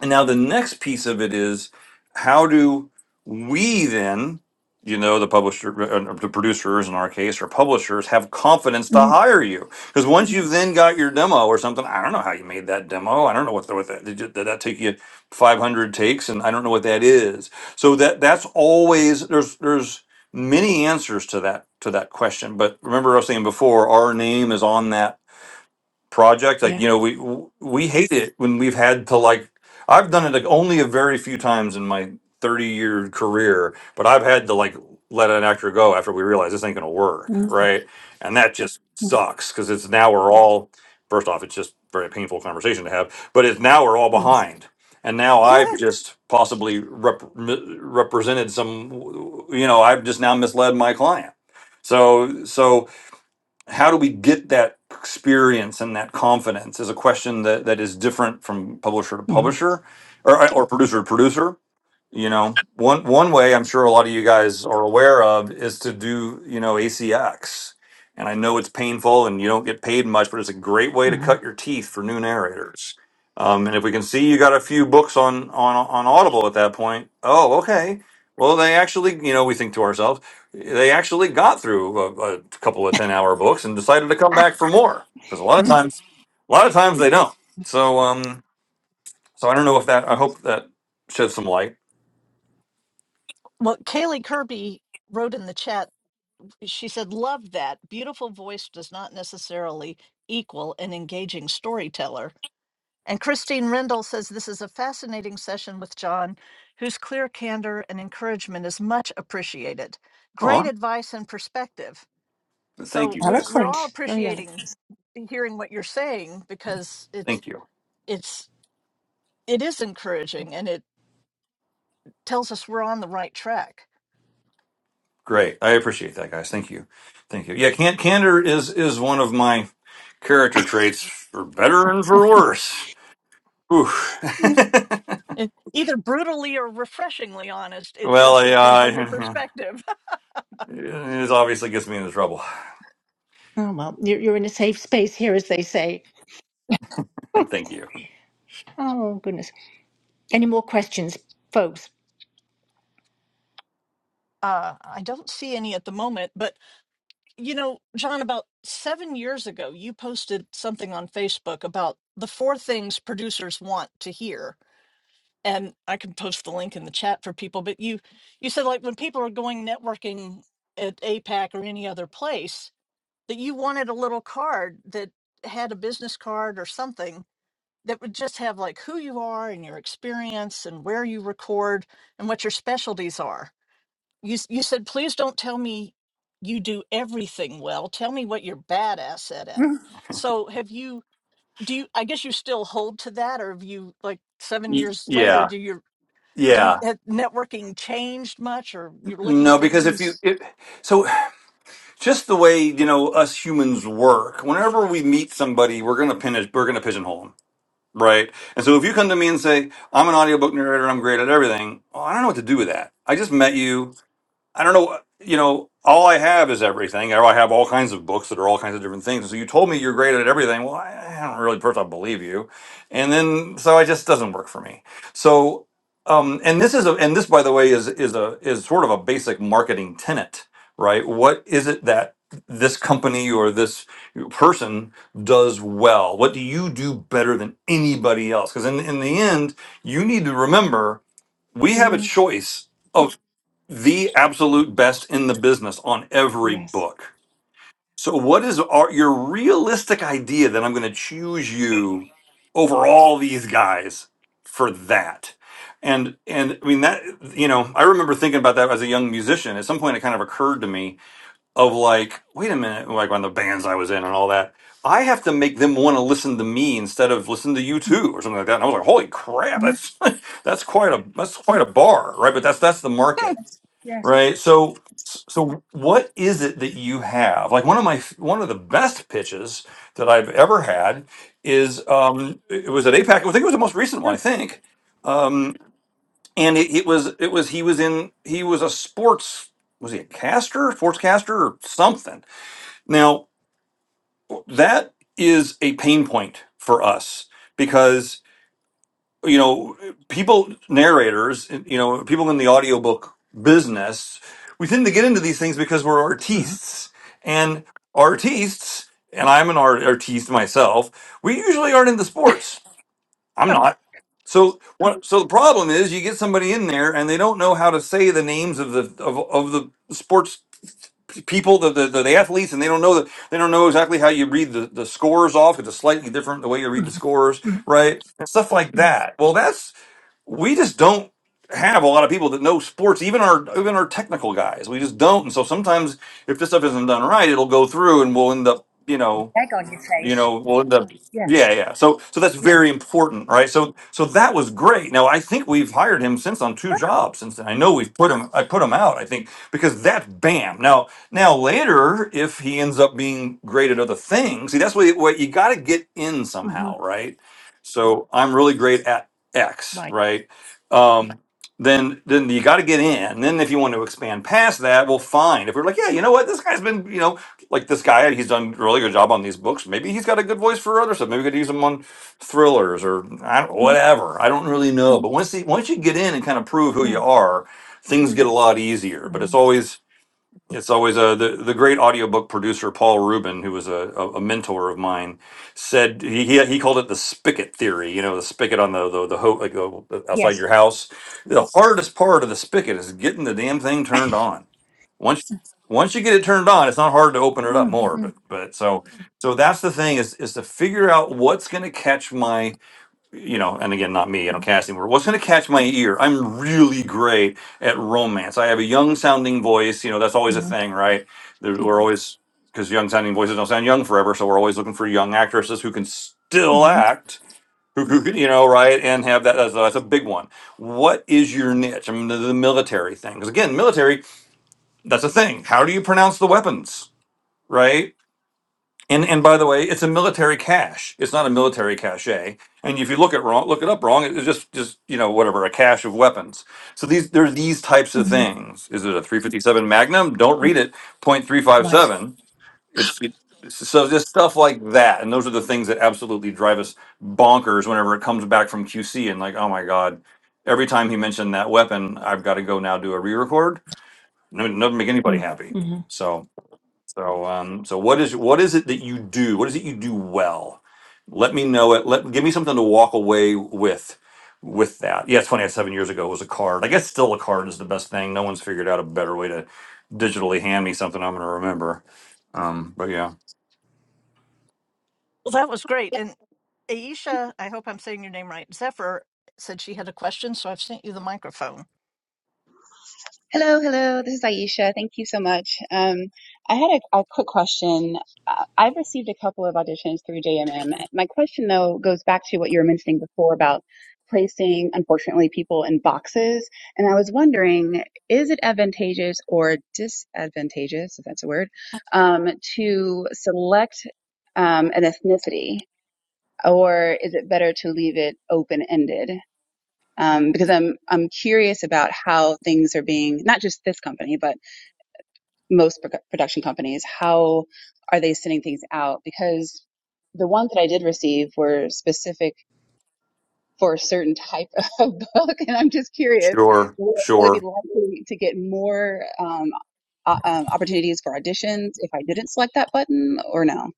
Speaker 3: and now the next piece of it is how do we then, you know, the publisher, uh, uh, the producers in our case, or publishers, have confidence to
Speaker 2: hmm
Speaker 3: hire you? Because once you've then got your demo or something, I don't know how you made that demo. I don't know what, the, what that did, you, did that take you 500 takes, and I don't know what that is. So that that's always there's there's many answers to that to that question. But remember, I was saying before, our name is on that project like
Speaker 2: Yeah.
Speaker 3: you know we we hate it when we've had to like i've done it like only a very few times in my 30 year career but i've had to like let an actor go after we realize this ain't gonna work
Speaker 2: hmm
Speaker 3: right and that just sucks because it's now we're all first off it's just very painful conversation to have but it's now we're all
Speaker 2: Yes.
Speaker 3: behind and now i've
Speaker 1: *laughs*
Speaker 3: just possibly rep- mi- represented some you know i've just now misled my client so so how do we get that experience and that confidence is a question that, that is different from publisher to
Speaker 2: hmm
Speaker 3: publisher or, or producer to producer you know one one way i'm sure a lot of you guys are aware of is to do you know acx and i know it's painful and you don't get paid much but it's a great way to
Speaker 2: hmm
Speaker 3: cut your teeth for new narrators um, and if we can see you got a few books on on on audible at that point oh okay well they actually you know we think to ourselves they actually got through a, a couple of 10 hour books and decided to come
Speaker 2: *laughs*
Speaker 3: back for more because a lot of times a lot of times they don't so um so i don't know if that i hope that sheds some light
Speaker 1: What Kaylee Kirby wrote in the chat, she said, Love that. Beautiful voice does not necessarily equal an engaging storyteller. And Christine Rendell says this is a fascinating session with John, whose clear candor and encouragement is much appreciated. Great advice and perspective.
Speaker 3: Thank
Speaker 1: So
Speaker 3: you
Speaker 1: we,
Speaker 3: guys.
Speaker 1: we're all
Speaker 2: Eloquent. Very eloquent.
Speaker 1: appreciating hearing what you're saying because it's
Speaker 3: Thank you.
Speaker 1: it's it is encouraging and it tells us we're on the right track.
Speaker 3: Great. I appreciate that, guys. Thank you. Thank you. Yeah, can- candor is is one of my character traits, for better and for worse. Whew. *laughs*
Speaker 2: *laughs*
Speaker 1: It, either brutally or refreshingly honest, it
Speaker 3: well,
Speaker 1: just
Speaker 3: I,
Speaker 1: depends on your
Speaker 3: uh,
Speaker 1: perspective. *laughs*
Speaker 3: *laughs* it obviously gets me into trouble.
Speaker 2: Oh well, you're you're in a safe space here, as they say.
Speaker 3: *laughs* Thank you.
Speaker 2: Oh, goodness. Any more questions, folks?
Speaker 1: Uh, I don't see any at the moment, but You know, John, about seven years ago, you posted something on Facebook about the four things producers want to hear. And I can post the link in the chat for people, but you you said like when people are going networking at APAC or any other place, that you wanted a little card that had a business card or something that would just have like who you are and your experience and where you record and what your specialties are you s- you said please don't tell me you do everything well tell me what you're badass at so have you do you i guess you still hold to that or have you like seven
Speaker 3: Y-
Speaker 1: years later
Speaker 3: Yeah.
Speaker 1: do your do you
Speaker 3: Yeah.
Speaker 1: have networking changed much or you're looking
Speaker 3: No,
Speaker 1: for
Speaker 3: because if you,
Speaker 1: things
Speaker 3: it, so just the way, you know, us humans work, whenever we meet somebody, we're going to pin, we're going to pigeonhole 'em. Right. And so if you come to me and say, I'm an audiobook narrator, I'm great at everything, well, I don't know what to do with that. I just met you. I don't know. You know, all I have is everything. I have all kinds of books that are all kinds of different things. So you told me you're great at everything. Well, I, I don't really personally believe you, and then so it just doesn't work for me. So, um, and this is a and this by the way is is a is sort of a basic marketing tenet, right? What is it that this company or this person does well? What do you do better than anybody else? Because in in the end, you need to remember we have a
Speaker 2: Mm,
Speaker 3: choice the absolute best in the business on every
Speaker 2: yes.
Speaker 3: book. So, what is our, your realistic idea that I'm going to choose you over all these guys for that? And and I mean that you know I remember thinking about that as a young musician. At some point, it kind of occurred to me of like, wait a minute, like on the bands I was in and all that. I have to make them want to listen to me instead of listen to you too or something like that. And I was like, holy crap,
Speaker 2: Mhm,
Speaker 3: that's *laughs* that's quite a that's quite a bar, right? But that's that's the market
Speaker 1: Hmm,
Speaker 2: Yes.
Speaker 3: Right. So, so what is it that you have? Like one of my one of the best pitches that I've ever had is um it was at APAC. I think it was the most recent one. I
Speaker 2: Oh,
Speaker 3: think, um, and it, it was it was he was in he was a sports was he a caster sportscaster or something. Now that is a pain point for us because you know, people, narrators, you know, people in the audiobook business, we tend to get into these things because we're
Speaker 2: mhm,
Speaker 3: artistes. And artistes, and I'm an art, artiste myself, we usually aren't into sports. I'm not. So, what, so the problem is you get somebody in there and they don't know how to say the names of the of, of the sports p- people, the, the the athletes, and they don't know that they don't know exactly how you read the, the scores off. It's a slightly different the way you read the
Speaker 2: mhm,
Speaker 3: scores,
Speaker 2: mhm.
Speaker 3: right? and stuff like that. Well, that's we just don't have a lot of people that know sports, even our even our technical guys. We just don't. And so sometimes if this stuff isn't done right, it'll go through and we'll end up, you know
Speaker 2: Egg on your
Speaker 3: you
Speaker 2: face.
Speaker 3: know well the
Speaker 2: Yeah.
Speaker 3: yeah yeah so so that's Yeah. very important right so so that was great now i think we've hired him since on two jobs since then i know we've put him i put him out i think because that's bam now now later if he ends up being great at other things see that's what, you, what you got to get in
Speaker 2: hmm
Speaker 3: somehow right so i'm really great at x
Speaker 2: Right.
Speaker 3: right um then then you got to get in. then if you want to expand past that, well, fine. If we're like, yeah, you know what, this guy's been, you know, like this guy, he's done a really good job on these books. Maybe he's got a good voice for other stuff. Maybe we could use him on thrillers or I don't, whatever. I don't really know. But once he, once you get in and kind of prove who
Speaker 2: Mm,
Speaker 3: you are, things get a lot easier. But it's
Speaker 2: mhm.
Speaker 3: always it's always uh, the the great audiobook producer Paul Rubin, who was a, a, a mentor of mine, said he, he he called it the spigot theory. You know, the spigot on the the, the ho- like the, outside
Speaker 2: Yes.
Speaker 3: your house. The hardest part of the spigot is getting the damn thing turned on once once you get it turned on it's not hard to open it up
Speaker 2: Mm,
Speaker 3: more but
Speaker 2: mm,
Speaker 3: but so so that's the thing is is to figure out what's going to catch my you know and again not me i don't cast anymore what's going to catch my ear i'm really great at romance i have a young sounding voice you know that's always a
Speaker 2: mhm,
Speaker 3: thing right There- we're always because young sounding voices don't sound young forever so we're always looking for young actresses who can still
Speaker 2: mhm,
Speaker 3: act who, who can, you know right and have that that's, that's a big one what is your niche i mean the, the military thing because again military that's a thing. How do you pronounce the weapons, right? And and by the way, it's a military cache. It's not a military cache. And if you look at wrong, look it up wrong, it's just just you know whatever a cache of weapons. So these there are these types of
Speaker 2: mhm.
Speaker 3: things. Is it a 357 Magnum? Don't read it.
Speaker 2: Right.
Speaker 3: .357. It's it, so just stuff like that. And those are the things that absolutely drive us bonkers whenever it comes back from QC and like oh my god, every time he mentioned that weapon, I've got to go now do a re-record. No, doesn't make anybody
Speaker 2: Mm,
Speaker 3: happy.
Speaker 2: mhm,
Speaker 3: So. So, um, so what is what is it that you do? What is it you do well? Let me know it. Let give me something to walk away with. With that, yeah, it's funny. I Seven years ago it was a card. I guess still a card is the best thing. No one's figured out a better way to digitally hand me something I'm going to remember. Um, but yeah,
Speaker 1: well that was great and aisha i hope i'm saying your name right zephyr said she had a question so i've sent you the microphone
Speaker 5: Hello, hello. This is Aisha. Thank you so much. Um, I had a, a quick question. Uh, I've received a couple of auditions through JMM. My question, though, goes back to what you were mentioning before about placing, unfortunately, people in boxes. And I was wondering, is it advantageous or disadvantageous, if that's a word, um, to select um, an ethnicity, or is it better to leave it open-ended? um, because I'm I'm curious about how things are being not just this company but most pro- production companies how are they sending things out because the ones that I did receive were specific for a certain type *laughs* of book and I'm just curious
Speaker 3: sure,
Speaker 5: will, will it be
Speaker 3: sure.
Speaker 5: likely to get more um, o- um, opportunities for auditions if I didn't select that button or no?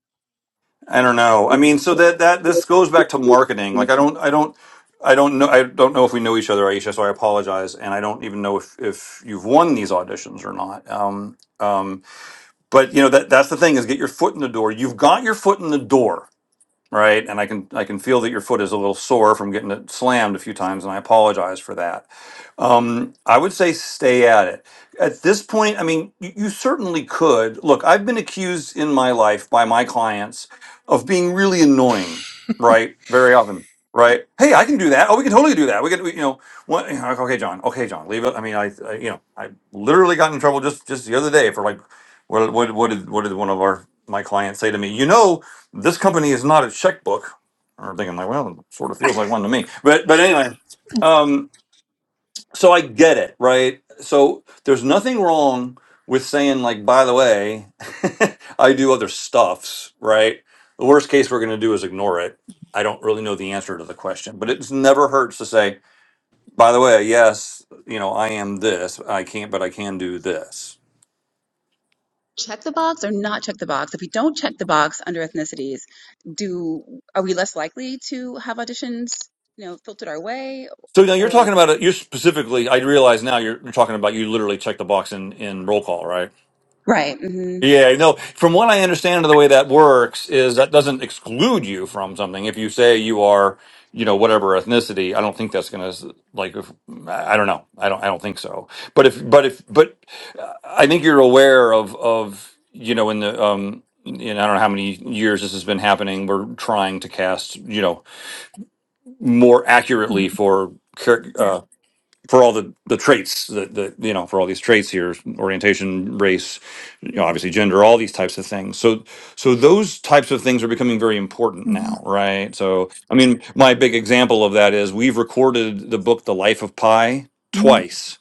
Speaker 3: I don't know. I mean, so that that this goes back to marketing.
Speaker 5: *laughs*
Speaker 3: Like, I don't, I don't, I don't know. I don't know if we know each other, Aisha. So I apologize, and I don't even know if if you've won these auditions or not. Um, um, But you know that that's the thing is get your foot in the door. You've got your foot in the door right? And I can I can feel that your foot is a little sore from getting it slammed a few times, and I apologize for that. Um, I would say stay at it. At this point, I mean, you, you certainly could look. I've been accused in my life by my clients of being really annoying, right? Very often. Right? Hey, I can do that. Oh, we can totally do that. We can, we, you know, what? you know, like, Okay, John. Okay, John. Leave it. I mean, I, I, you know, I literally got in trouble just just the other day for like, what, what, what did, what did one of our my clients say to me? You know, this company is not a checkbook. I'm thinking like, well, it sort of feels like one to me. But but anyway, um, so I get it, right? So there's nothing wrong with saying like, by the way, *laughs* I do other stuffs, right? The worst case we're going to do is ignore it. I don't really know the answer to the question, but it never hurts to say, by the way, yes, you know, I am this. I can't, but I can do this.
Speaker 5: check the box or not check the box? If we don't check the box under ethnicities, do are we less likely to have auditions, you know, filtered our way
Speaker 3: So now you're
Speaker 5: or
Speaker 3: talking about it. You're specifically. I realize now you're, you're talking about you literally check the box in in roll call, right?
Speaker 5: right? hmm
Speaker 3: Yeah, no. From what I understand of the way that works is that doesn't exclude you from something. If you say you are, you know, whatever ethnicity, I don't think that's going to like. If, I don't know. I don't. I don't think so. But if, but if, but uh, I think you're aware of of you know in the um. You know, I don't know how many years this has been happening. We're trying to cast, you know, more accurately
Speaker 2: mhm,
Speaker 3: for char- uh, Yeah. uh, for all the the traits that the you know for all these traits here orientation race you know obviously gender all these types of things so so those types of things are becoming very important
Speaker 2: mhm,
Speaker 3: now right so i mean my big example of that is we've recorded the book the life of pi
Speaker 2: mm,
Speaker 3: twice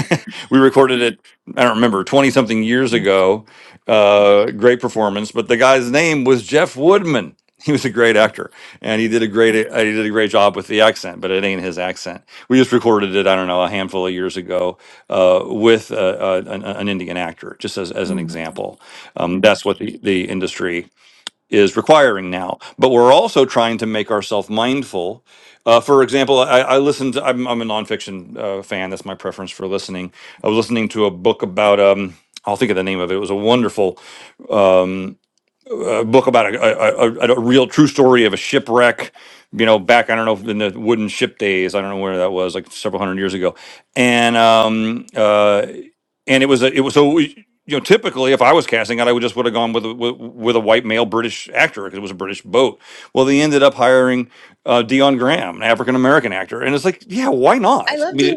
Speaker 3: *laughs* we recorded it i don't remember 20 something years ago uh, great performance but the guy's name was jeff woodman he was a great actor and he did a great uh, he did a great job with the accent but it ain't his accent we just recorded it i don't know a handful of years ago uh, with uh, uh, an, an indian actor just as, as an
Speaker 2: mm,
Speaker 3: example um, that's what the, the industry is requiring now. But we're also trying to make ourselves mindful. Uh, for example, I, I listened. To, I'm, I'm a nonfiction uh, fan. That's my preference for listening. I was listening to a book about. Um, I'll think of the name of it. It was a wonderful a book about a, a, a, a real true story of a shipwreck, you know, back, I don't know, in the wooden ship days. I don't know where that was, like several hundred years ago. And, um, uh, and it was, a, it was, so, we- you know, typically if I was casting it, I would just would have gone with, a, with, with a white male British actor because it was a British boat. Well, they ended up hiring, uh, Dion Graham, an African American actor. And it's like, yeah, why
Speaker 5: I
Speaker 3: not? I
Speaker 5: love
Speaker 3: mean,
Speaker 5: D.
Speaker 3: it-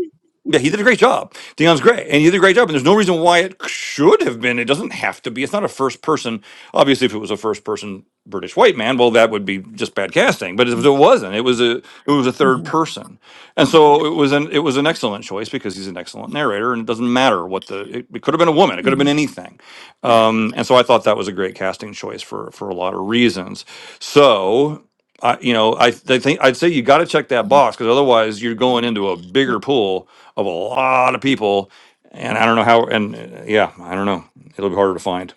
Speaker 5: I
Speaker 3: yeah, he did a great job. Dion's great, and he did a great job. And there's no reason why it should have been. It doesn't have to be. It's not a first person. Obviously, if it was a first person British white man, well, that would be just bad casting. But it, it wasn't. It was a it was a third
Speaker 2: mhm,
Speaker 3: person, and so it was an it was an excellent choice because he's an excellent narrator, and it doesn't matter what the it, it could have been a woman. It could have been
Speaker 2: mhm.
Speaker 3: anything. Um, and so I thought that was a great casting choice for for a lot of reasons. So I, you know, I, I think I'd say you got to check that box because otherwise you're going into a
Speaker 2: Yeah.
Speaker 3: bigger pool of a lot of people. And I don't know how. And uh, yeah, I don't know. It'll be harder to find.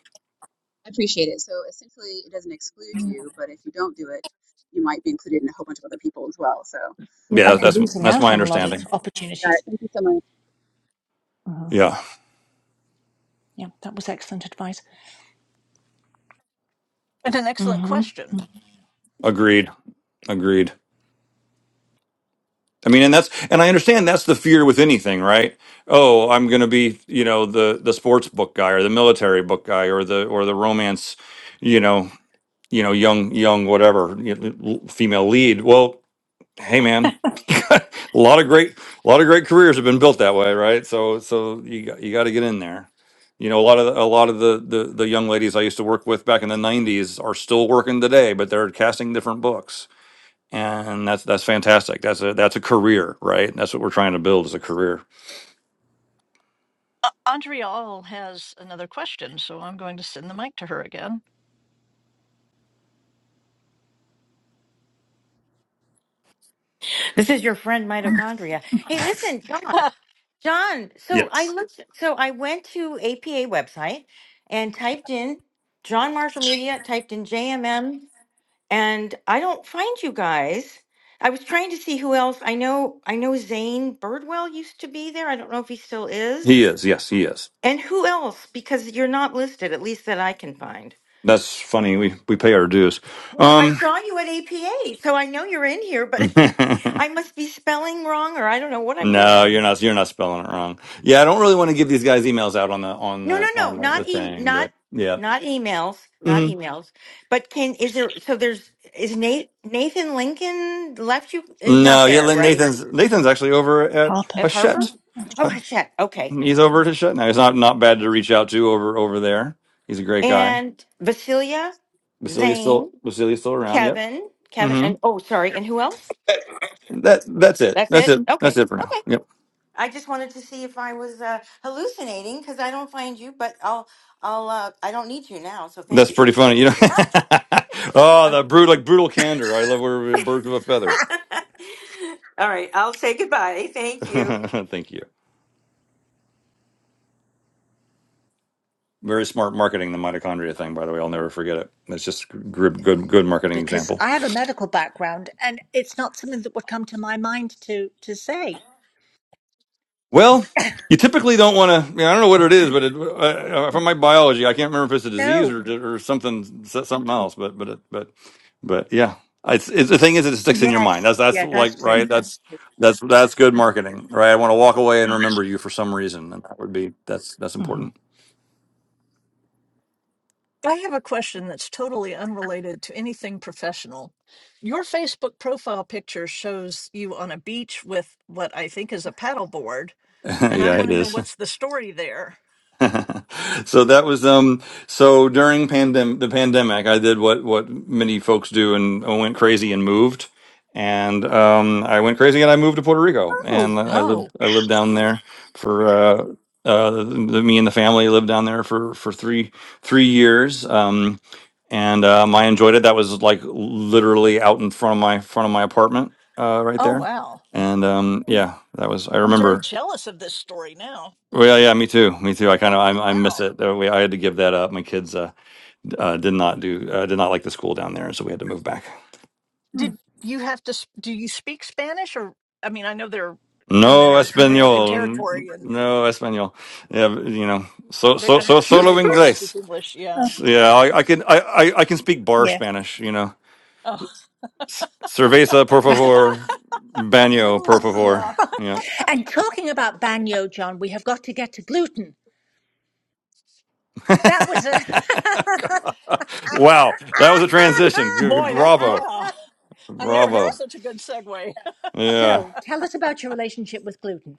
Speaker 5: appreciate it. So essentially, it doesn't exclude you, but if you don't do it, you might be included in a whole bunch of other people as well. So,
Speaker 2: You
Speaker 3: Yeah,
Speaker 2: might
Speaker 5: okay,
Speaker 2: be
Speaker 3: that's
Speaker 2: losing
Speaker 3: that's
Speaker 2: out
Speaker 3: my
Speaker 2: on a lot of
Speaker 3: understanding.
Speaker 5: got it.
Speaker 2: opportunities.
Speaker 5: Thank you so much.
Speaker 2: hmm
Speaker 3: Yeah,
Speaker 2: Yeah, that was excellent advice.
Speaker 1: and an excellent
Speaker 2: hmm
Speaker 1: question
Speaker 3: agreed, agreed. I mean, and that's and I understand that's the fear with anything, right? Oh, I'm going to be, you know, the the sports book guy or the military book guy or the or the romance, you know, you know, young young whatever you know, l- female lead. Well, hey, man. *laughs* a lot of great a lot of great careers have been built that way right so so you got, you got to get in there you know a lot of the, a lot of the, the the young ladies i used to work with back in the 90s are still working today but they're casting different books and that's that's fantastic that's a that's a career right that's what we're trying to build is a career
Speaker 1: uh, andrea has another question so i'm going to send the mic to her again
Speaker 4: This is your friend mitochondria. Hey, listen, John.
Speaker 1: *laughs*
Speaker 4: John, so
Speaker 3: yes
Speaker 4: I looked so I went to APA website and typed in John Marshall Media, typed in JMM, and I don't find you guys. I was trying to see who else. I know I know Zane Birdwell used to be there. I don't know if he still is.
Speaker 3: he is yes he is
Speaker 4: And who else? Because you're not listed, at least that I can find.
Speaker 3: that's funny we we pay our dues
Speaker 4: Well, I
Speaker 3: um
Speaker 4: saw you at APA, so I know you're in here, but *laughs* I
Speaker 3: *laughs*
Speaker 4: must be spelling wrong, or I don't know what I'm doing
Speaker 3: no
Speaker 4: wrong.
Speaker 3: you're not you're not spelling it wrong yeah i don't really want to give these guys emails out on the on
Speaker 4: No, no,
Speaker 3: the
Speaker 4: no,
Speaker 3: on the, the
Speaker 4: not e-
Speaker 3: thing
Speaker 4: not
Speaker 3: but yeah
Speaker 4: not emails, not
Speaker 3: Mm-hmm.
Speaker 4: emails. But can is there? So there's is Nate Nathan Lincoln left you is not
Speaker 3: No, yeah,
Speaker 4: there
Speaker 3: Lynn
Speaker 4: right
Speaker 3: Nathan's Nathan's actually over at
Speaker 2: Harper.
Speaker 4: at Harper?
Speaker 3: Hachette.
Speaker 4: Oh shit. Okay,
Speaker 3: He's over at Hachette now. He's not not bad to reach out to over over there. He's a great guy.
Speaker 4: and Vasilia,
Speaker 3: Basilia's
Speaker 4: Zane,
Speaker 3: still Basilia's still around. Yep.
Speaker 4: Kevin, Kevin,
Speaker 3: hmm
Speaker 4: and oh sorry, and who else?
Speaker 3: That that's it.
Speaker 4: That's
Speaker 3: That's
Speaker 4: it.
Speaker 3: it. That's
Speaker 4: Okay,
Speaker 3: it for
Speaker 4: okay.
Speaker 3: now. Yep.
Speaker 4: I just wanted to see if I was uh, hallucinating because I don't find you, but I'll, I'll, uh, I don't need you now. So thank
Speaker 3: That's
Speaker 4: you.
Speaker 3: pretty funny. You know. *laughs*
Speaker 4: *laughs*
Speaker 3: oh,
Speaker 4: Okay.
Speaker 3: the brutal like brutal candor. I love where birds of a feather.
Speaker 4: *laughs* All right, I'll say goodbye. Thank
Speaker 3: *laughs*
Speaker 4: you.
Speaker 3: Thank you. Very smart marketing the mitochondria thing. By the way, I'll never forget it. It's just good good good marketing
Speaker 2: because
Speaker 3: example.
Speaker 2: I have a medical background and it's not something that would come to my mind to to say.
Speaker 3: Well, you typically don't want to. I, mean, I don't know what it is, but it, uh, uh, from my biology, I can't remember if it's a disease or or something so, something else. But but but but yeah, it's, it's the thing is it sticks in your mind.
Speaker 2: Yes,
Speaker 3: That's that's
Speaker 2: yeah,
Speaker 3: like
Speaker 2: that's true.
Speaker 3: right.
Speaker 2: That's
Speaker 3: That's
Speaker 2: true.
Speaker 3: that's that's good marketing, right? I want to walk away and remember you for some reason, and that would be that's that's
Speaker 2: hmm
Speaker 3: important.
Speaker 1: I have a question that's totally unrelated to anything professional. Your Facebook profile picture shows you on a beach with what I think is a paddleboard,
Speaker 3: *laughs*
Speaker 1: and I
Speaker 3: yeah,
Speaker 1: want
Speaker 3: it
Speaker 1: to know
Speaker 3: is.
Speaker 1: what's the story there.
Speaker 3: *laughs* so that was um so during pandem- the pandemic I did what what many folks do and I went crazy and moved and um I went crazy and I moved to Puerto Rico
Speaker 2: Oh,
Speaker 3: and I lived
Speaker 1: Oh,
Speaker 3: I lived down there for uh uh the, me and the family lived down there for for 3 3 years um and um I enjoyed it that was like literally out in front of my front of my apartment uh right
Speaker 1: oh
Speaker 3: there
Speaker 1: wow.
Speaker 3: and um yeah that was I
Speaker 1: I'm
Speaker 3: remember
Speaker 1: very jealous of this story now.
Speaker 3: well, yeah, yeah, me too. Me too. I kind
Speaker 1: Wha-
Speaker 3: of I, I miss
Speaker 1: Wow.
Speaker 3: it. Uh, We, I had to give that up. My kids uh, d- uh, did not do uh, did not like the school down there, and so we had to move back.
Speaker 1: Did you have to s- do you speak Spanish or I mean, I know they're
Speaker 3: No
Speaker 1: Amer- American
Speaker 3: español,
Speaker 1: territory and
Speaker 3: no español. Yeah, you know, so
Speaker 1: they,
Speaker 3: so
Speaker 1: I'm
Speaker 3: so
Speaker 2: *laughs*
Speaker 1: sure
Speaker 3: solo
Speaker 1: they probably speak
Speaker 3: inglés.
Speaker 1: English, yeah.
Speaker 3: Yeah, I, I can I, I I can speak bar
Speaker 2: yeah.
Speaker 3: Spanish. You know,
Speaker 1: Oh,
Speaker 3: S- cerveza por favor, baño por
Speaker 1: *laughs*
Speaker 3: favor.
Speaker 1: yeah.
Speaker 2: Huh.
Speaker 3: Yeah.
Speaker 2: And talking about banyo, John, we have got to get to gluten.
Speaker 3: *laughs*
Speaker 2: That was a.
Speaker 3: wow, that was a transition.
Speaker 1: Boy, that
Speaker 3: Bravo,
Speaker 1: yeah.
Speaker 2: *laughs*
Speaker 1: I've never heard
Speaker 3: bravo.
Speaker 1: such a good segue. *laughs*
Speaker 3: Yeah.
Speaker 2: so tell us about your relationship with gluten.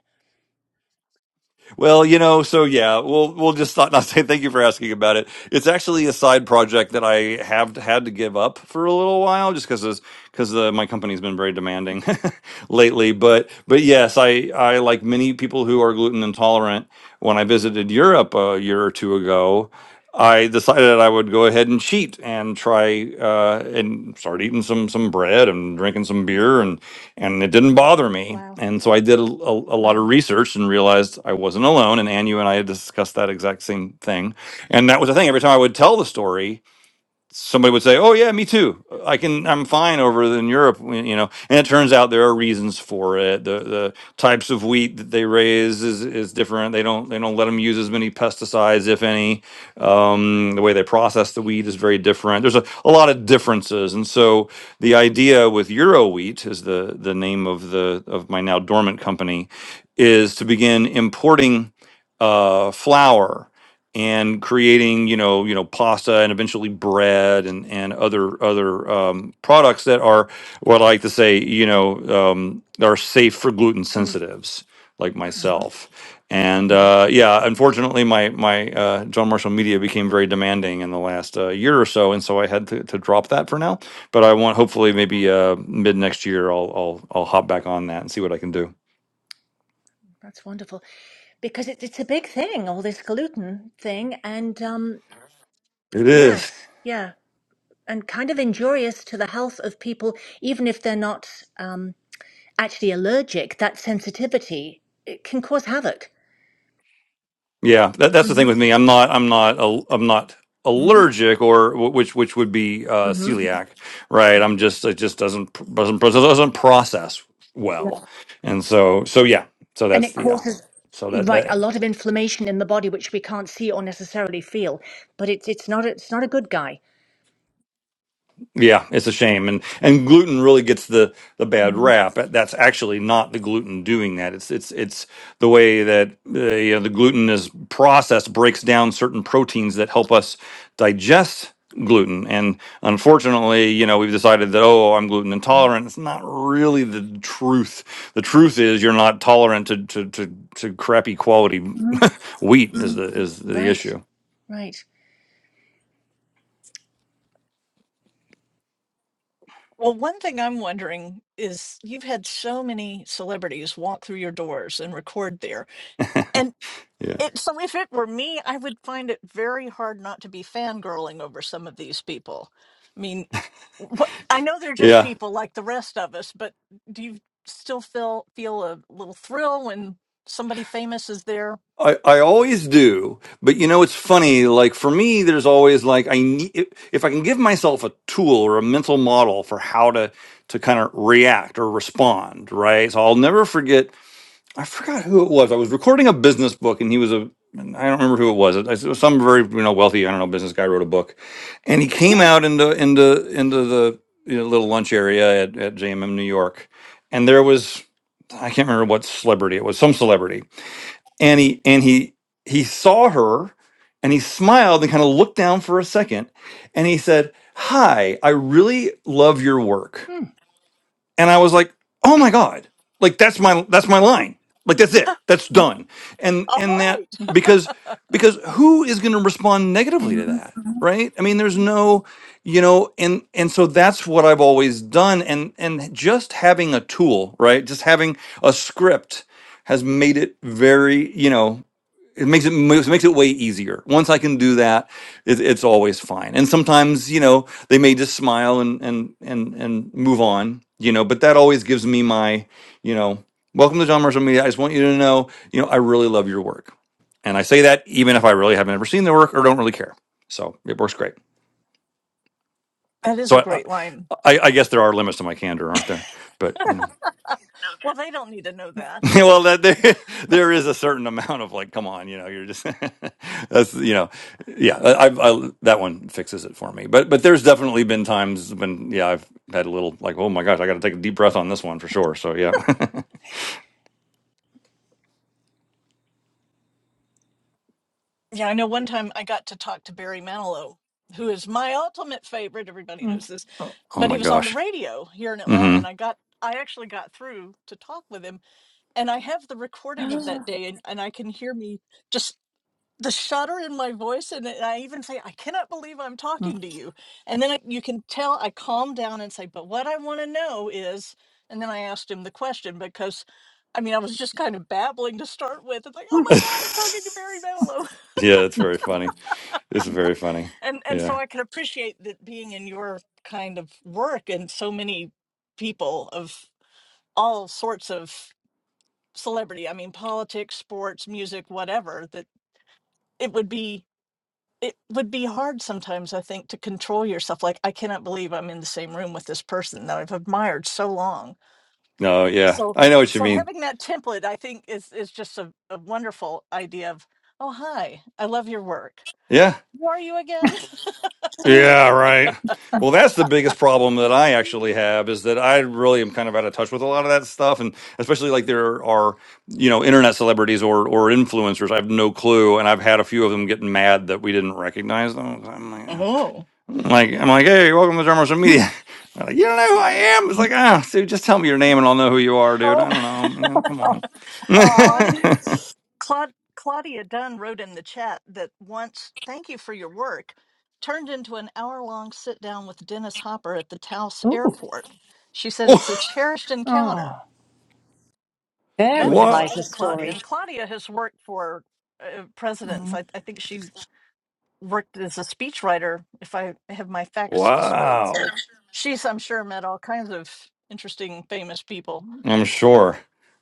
Speaker 3: Well, you know, so yeah, we'll we'll just not, *laughs* not say thank you for asking about it. It's actually a side project that I have had to give up for a little while, just because because uh, my company's been very demanding *laughs* lately. But but yes, I I like many people who are gluten intolerant. When I visited Europe a year or two ago. I decided I would go ahead and cheat and try uh, and start eating some some bread and drinking some beer and and it didn't bother me.
Speaker 2: Wow.
Speaker 3: And so I did a, a, a lot of research and realized I wasn't alone. And Ann, you and I had discussed that exact same thing. And that was the thing. Every time I would tell the story, somebody would say, "Oh yeah, me too. I can. I'm fine over in Europe." You know, and it turns out there are reasons for it. The the types of wheat that they raise is is different. They don't they don't let them use as many pesticides, if any. Um, the way they process the wheat is very different. There's a, a lot of differences, and so the idea with Euro Wheat is the the name of the of my now dormant company, is to begin importing uh, flour and creating you know you know pasta and eventually bread and and other other um, products that are what I like to say you know um, are safe for gluten
Speaker 2: Mm-hmm.
Speaker 3: sensitives like myself and uh, yeah unfortunately my my uh, John Marshall Media became very demanding in the last uh, year or so and so I had to, to drop that for now but I want hopefully maybe uh, mid next year I'll I'll I'll hop back on that and see what I can do.
Speaker 2: That's wonderful because it, it's a big thing, all this gluten thing. And um,
Speaker 3: It is.
Speaker 2: yes, yeah. and kind of injurious to the health of people, even if they're not um, actually allergic. That sensitivity it can cause havoc,
Speaker 3: Yeah, that, that's the thing
Speaker 2: hmm
Speaker 3: with me. I'm not. I'm not. al- I'm not allergic, or wh- which which would be uh, celiac, right? I'm just. It just doesn't pr- doesn't pro- doesn't process well, and so so yeah. So
Speaker 2: and
Speaker 3: that's
Speaker 2: it
Speaker 3: the. Uh,
Speaker 2: causes
Speaker 3: so that
Speaker 2: right a
Speaker 3: that.
Speaker 2: lot of inflammation in the body, which we can't see or necessarily feel. But it's it's not it's not a good guy.
Speaker 3: Yeah, it's a shame, and and gluten really gets the the bad
Speaker 2: hmm
Speaker 3: rap. That's actually not the gluten doing that. It's it's it's the way that uh, you know, the gluten is processed breaks down certain proteins that help us digest gluten. And unfortunately, you know, we've decided that oh, I'm gluten intolerant. It's not really the truth. The truth is you're not tolerant to to to, to crappy quality *laughs* wheat is the is the
Speaker 2: Right,
Speaker 3: issue.
Speaker 2: right.
Speaker 1: Well, one thing I'm wondering is you've had so many celebrities walk through your doors and record there. And
Speaker 3: Yeah.
Speaker 1: it, so if it were me, I would find it very hard not to be fangirling over some of these people. I mean, wh- I know they're just
Speaker 3: Yeah.
Speaker 1: people like the rest of us, but do you still feel feel a little thrill when somebody famous is there?
Speaker 3: I, I always do, but you know it's funny. Like for me, there's always like I need if if I can give myself a tool or a mental model for how to to kind of react or respond, right? So I'll never forget. I forgot who it was. I was recording a business book, and he was a and I don't remember who it was. It was some very you know wealthy I don't know business guy wrote a book, and he came
Speaker 1: *laughs*
Speaker 3: out into into into the you know, little lunch area at, at JMM New York, and there was I can't remember what celebrity it was, some celebrity and he and he he saw her and he smiled and kind of looked down for a second and he said hi i really love your work
Speaker 2: Mm.
Speaker 3: and i was like oh my god like that's my that's my line like that's
Speaker 1: All
Speaker 3: it that's done and and that
Speaker 1: right.
Speaker 3: because because who is going to respond negatively to
Speaker 2: Mhm.
Speaker 3: that right i mean there's no you know and and so that's what i've always done and and just having a tool right just having a script has made it very you know it makes it moves- makes it way easier. Once I can do that, it, it's always fine. And sometimes, you know, they may just smile and and and and move on, you know. But that always gives me my, you know, welcome to John Marshall Media. I just want you to know, you know, I really love your work, and I say that even if I really haven't ever seen the work or don't really care. So it works great.
Speaker 1: That is
Speaker 3: So
Speaker 1: a
Speaker 3: I I,
Speaker 1: great line.
Speaker 3: I I guess there are limits to my candor, aren't there? But you know.
Speaker 1: Well, they don't need to know that.
Speaker 3: *laughs* well, that there *laughs* there is a certain amount of like, come on, you know, you're just *laughs* that's you know, yeah. I, I, I that one fixes it for me. But but there's definitely been times when yeah, I've had a little like, oh my gosh, I got to take a deep breath on this one for sure. So yeah, *laughs*
Speaker 1: Yeah, I know one time I got to talk to Barry Manilow, who is my ultimate favorite. Everybody knows
Speaker 2: Mhm.
Speaker 1: this,
Speaker 3: oh oh
Speaker 1: but he
Speaker 3: my
Speaker 1: was on the
Speaker 3: gosh,
Speaker 1: radio here in Atlanta,
Speaker 3: hmm
Speaker 1: and I got I actually got through to talk with him, and I have the recording of that day, and, and I can hear me just the shudder in my voice, and I even say, "I cannot believe I'm talking to you," and then I, you can tell I calm down and say, "But what I want to know is," and then I asked him the question because I mean, I was just kind of babbling to start with. It's like, oh
Speaker 3: *laughs*
Speaker 1: my God, I'm talking to Barry Manilow.
Speaker 3: yeah, that's very funny. It's very funny.
Speaker 1: and and so
Speaker 3: Yeah,
Speaker 1: I can appreciate that being in your kind of work and so many people of all sorts of celebrity. I mean, politics, sports, music, whatever. That it would be it would be hard sometimes. I think to control yourself. Like I cannot believe I'm in the same room with this person that I've admired so long.
Speaker 3: no, yeah,
Speaker 1: So
Speaker 3: I know what you
Speaker 1: so
Speaker 3: mean.
Speaker 1: having that template, I think, is is just a, a wonderful idea of. Oh hi, I love your work.
Speaker 3: Yeah.
Speaker 1: Who are you again?
Speaker 3: Yeah, right. Well, that's the biggest problem that I
Speaker 1: *laughs*
Speaker 3: actually have is that I really am kind of out of touch with a lot of that stuff, and especially like there are you know internet celebrities or or influencers. I have no clue, and I've had a few of them getting mad that we didn't recognize them. So I'm like,
Speaker 1: Oh.
Speaker 3: I'm like, I'm like, hey, welcome to Drum Social Media. *laughs* They're like, you don't know who I am. It's
Speaker 2: Mm.
Speaker 3: like, ah, dude, just tell me your name and I'll know who you are, dude. I
Speaker 2: Oh,
Speaker 3: don't know. You know, come on.
Speaker 2: oh,
Speaker 1: Claudia. Claud- Claudia Dunn wrote in the chat that once, thank you for your work, turned into an hour long sit down with Dennis Hopper at the Taos airport. She said it's a cherished
Speaker 2: oh!
Speaker 1: encounter.
Speaker 3: *laughs*
Speaker 2: Very
Speaker 1: That's
Speaker 2: lies
Speaker 3: Whoa!
Speaker 2: the
Speaker 1: exciting, Claudia.
Speaker 2: story.
Speaker 1: And Claudia has worked for uh, presidents. I, I think she worked as a speechwriter, if I have my facts straight.
Speaker 3: Wow.
Speaker 1: So she's, I'm sure, met all kinds of interesting, famous people.
Speaker 3: I'm sure.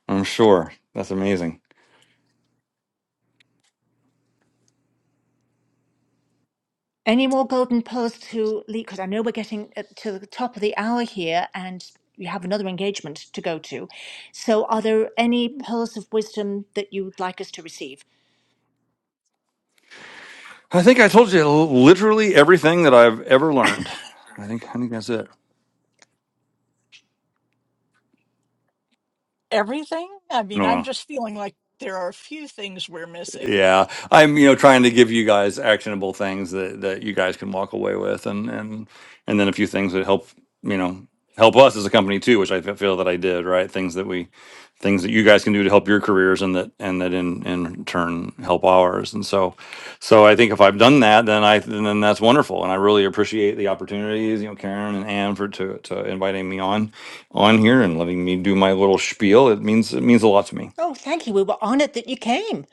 Speaker 3: I'm sure. That's amazing.
Speaker 2: Any more golden pearls to leak? Because I know we're getting uh, to the top of the hour here and you have another engagement to go to. So, are there any pearls of wisdom that you would like us to receive?
Speaker 3: I think I told you literally everything that I've ever learned. I think I think that's it.
Speaker 1: Everything? I mean,
Speaker 3: No.
Speaker 1: I'm just feeling like there are a few things we're missing
Speaker 3: Yeah, I'm, you know, trying to give you guys actionable things that that you guys can walk away with, and and and then a few things that help, you know, help us as a company too, which I fe- feel that I did, right? Things that we, things that you guys can do to help your careers, and that and that in in turn help ours. And so, so I think if I've done that, then I then then that's wonderful, and I really appreciate the opportunities, you know, Karen and Ann for to to inviting me on on here and letting me do my little spiel. It means it means a lot to me.
Speaker 2: Oh, thank you. We were honored that you came.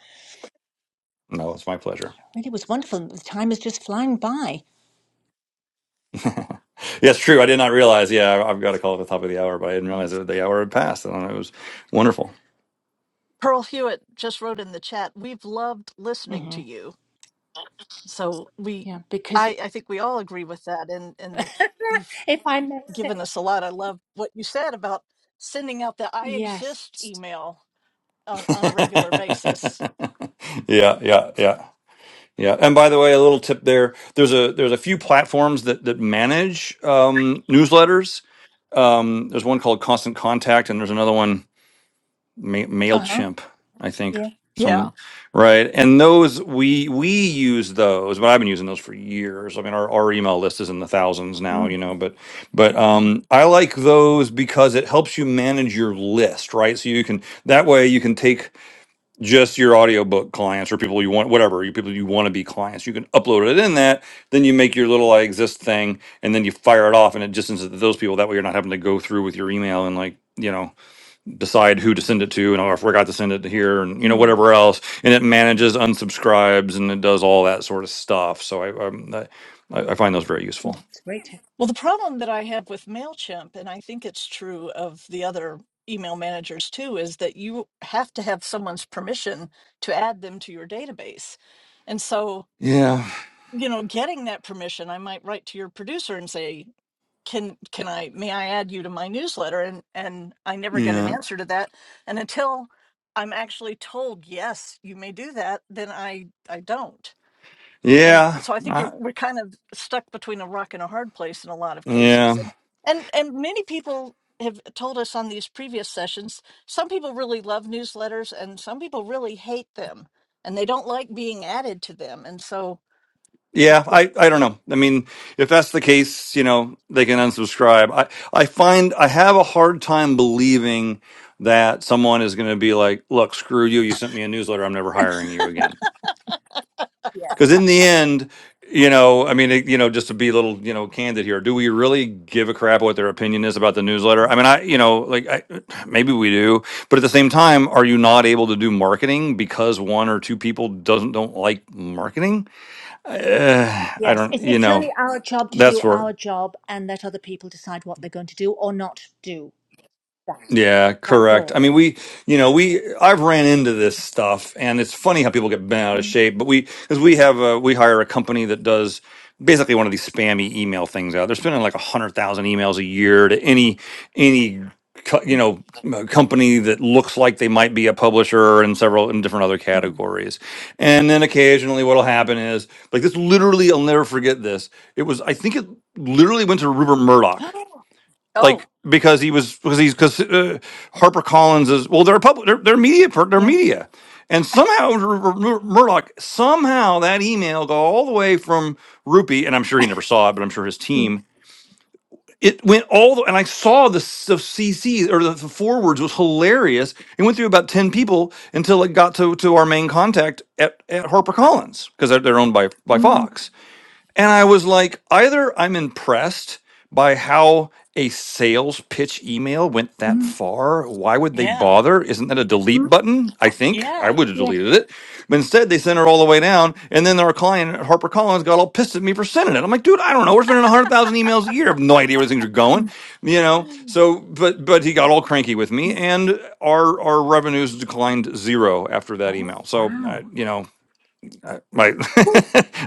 Speaker 3: No, it's my pleasure.
Speaker 2: Really was wonderful. The time is just flying by.
Speaker 3: *laughs* Yes, true. I did not realize. Yeah, I- I've got to call at the top of the hour, but I didn't
Speaker 2: Yeah.
Speaker 3: realize that the hour had passed. And it was wonderful.
Speaker 1: Pearl Hewitt just wrote in the chat, we've loved listening
Speaker 2: hmm
Speaker 1: to you. So we
Speaker 2: Yeah. Because
Speaker 1: I, I think we all agree with that and
Speaker 2: *laughs*
Speaker 1: and you've
Speaker 2: if I may
Speaker 1: given
Speaker 2: say,
Speaker 1: us a lot. I love what you said about sending out the I
Speaker 2: yes.
Speaker 1: exist email on,
Speaker 3: *laughs*
Speaker 1: on a regular basis.
Speaker 3: yeah, yeah, yeah, yeah. And by the way, a little tip there. There's a there's a few platforms that that manage um, newsletters. Um, there's one called Constant Contact, and there's another one Ma-
Speaker 2: Uh huh.
Speaker 3: Mailchimp, I think
Speaker 2: Yeah.
Speaker 1: Yeah.
Speaker 3: some right. And those we we use those, but I've been using those for years. I mean, our, our email list is in the thousands now, you
Speaker 2: Mm,
Speaker 3: know. But but um, I like those because it helps you manage your list, right? So you can that way you can take just your audiobook clients or people you want, whatever you people you want to be clients. You can upload it in that, then you make your little I exist thing, and then you fire it off, and it just sends it to those people. That way, you're not having to go through with your email and like you know decide who to send it to and oh, I forgot to send it to here and you know whatever else and it manages unsubscribes and it does all that sort of stuff so I I'm, I, I find those very useful
Speaker 2: it's great. to-
Speaker 1: Well the problem that I have with MailChimp, and I think it's true of the other email managers too, is that you have to have someone's permission to add them to your database. And so
Speaker 3: yeah
Speaker 1: you know getting that permission i might write to your producer and say can can i may i add you to my newsletter and and i never get an
Speaker 3: yeah
Speaker 1: answer to that and until i'm actually told yes you may do that then i i don't and
Speaker 3: yeah
Speaker 1: so i think you're,
Speaker 3: I,
Speaker 1: we're kind of stuck between a rock and a hard place in a lot of cases
Speaker 3: yeah
Speaker 1: and and and many people have told us on these previous sessions some people really love newsletters and some people really hate them and they don't like being added to them and so it's-
Speaker 3: yeah I I don't know I mean if that's the case you know they can unsubscribe I I find I have a hard time believing that someone is going to be like look screw you you sent me a newsletter I'm never hiring you again
Speaker 2: Yeah.
Speaker 3: Because in the end, you know, I mean, it- you know, just to be a little, you know, candid here, do we really give a crap what their opinion is about the newsletter? I mean, I, you know, like, I, *clears throat* maybe we do, but at the same time, are you not able to do marketing because one or two people doesn't don't like marketing? Uh, I
Speaker 2: Yes,
Speaker 3: don't,
Speaker 2: it,
Speaker 3: you
Speaker 2: it's
Speaker 3: know,
Speaker 2: only our job to
Speaker 3: that's
Speaker 2: do
Speaker 3: where.
Speaker 2: our job and let other people decide what they're going to do or not do.
Speaker 3: Yeah,
Speaker 2: That's
Speaker 3: correct. I
Speaker 2: all.
Speaker 3: mean, we, you know, we, I've ran into this stuff and it's funny how people get bent out of
Speaker 2: Mm,
Speaker 3: shape, but we, because we have a, we hire a company that does basically one of these spammy email things out. They're spending like a hundred thousand emails a year to any, any, co- you know, uh, company that looks like they might be a publisher and several in different other
Speaker 2: mm.
Speaker 3: categories. And then occasionally what'll happen is like this literally, I'll never forget this. It was, I think it literally went to Rupert Murdoch
Speaker 1: oh
Speaker 3: like because he was because he's because uh, Harper Collins is well, they're a public, they're, they're media, per-
Speaker 2: *gasps*
Speaker 3: they're
Speaker 2: Yeah.
Speaker 3: media, and somehow Mur- Mur- Murdoch somehow that email got all the way from Rupee, and I'm sure he never saw it, but I'm sure his
Speaker 2: Mm,
Speaker 3: team. It went all the, and I saw the, s- the CC or the, the forwards was hilarious. It went through about ten people until it got to to our main contact at at HarperCollins because they're, they're owned by by
Speaker 2: mm,
Speaker 3: Fox and I was like, either I'm impressed by how a sales pitch email went that
Speaker 2: mm,
Speaker 3: far. Why would they
Speaker 1: Yeah.
Speaker 3: bother? Isn't that a delete button? I think I
Speaker 1: Yeah.
Speaker 3: would have
Speaker 2: yeah.
Speaker 3: deleted it. But instead, they sent it all the way down. And then our client at HarperCollins got all pissed at me for sending it. I'm like, dude, I don't know. We're spending 100,000 emails a year. I have no idea where things are going,
Speaker 2: Mm.
Speaker 3: you know?
Speaker 1: Mm.
Speaker 3: So, but, but he got all cranky with me and our, our revenues declined zero after that
Speaker 2: oh,
Speaker 3: email. So
Speaker 2: wow.
Speaker 3: I, you know, I, my, *laughs*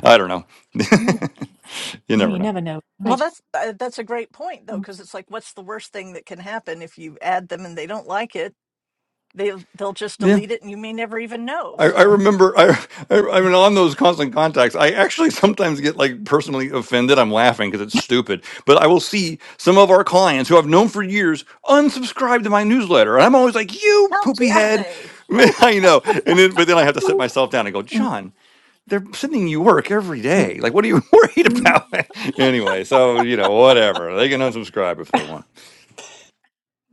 Speaker 3: I don't know. *laughs* You
Speaker 2: No,
Speaker 3: never
Speaker 2: you
Speaker 3: know.
Speaker 2: never know.
Speaker 1: Well,
Speaker 2: Right.
Speaker 1: that's uh, that's a great point though, because it's like, what's the worst thing that can happen if you add them and they don't like it? They they'll just
Speaker 3: Yeah.
Speaker 1: delete it, and you may never even know.
Speaker 3: I, I
Speaker 1: So
Speaker 3: remember I, I I mean on those constant contacts I actually *laughs* sometimes get like personally offended I'm laughing because it's stupid but I will see some of our clients who I've known for years unsubscribe to my newsletter and I'm always like you
Speaker 1: how
Speaker 3: poopy
Speaker 1: dare
Speaker 2: *laughs*
Speaker 3: head
Speaker 1: they?
Speaker 3: *laughs* I know and then but then I have to sit myself down and go
Speaker 2: Mm,
Speaker 3: John they're sending you work every
Speaker 2: mm,
Speaker 3: day like what are you *laughs* worried
Speaker 2: mm.
Speaker 3: about anyway so you know whatever they can unsubscribe if they want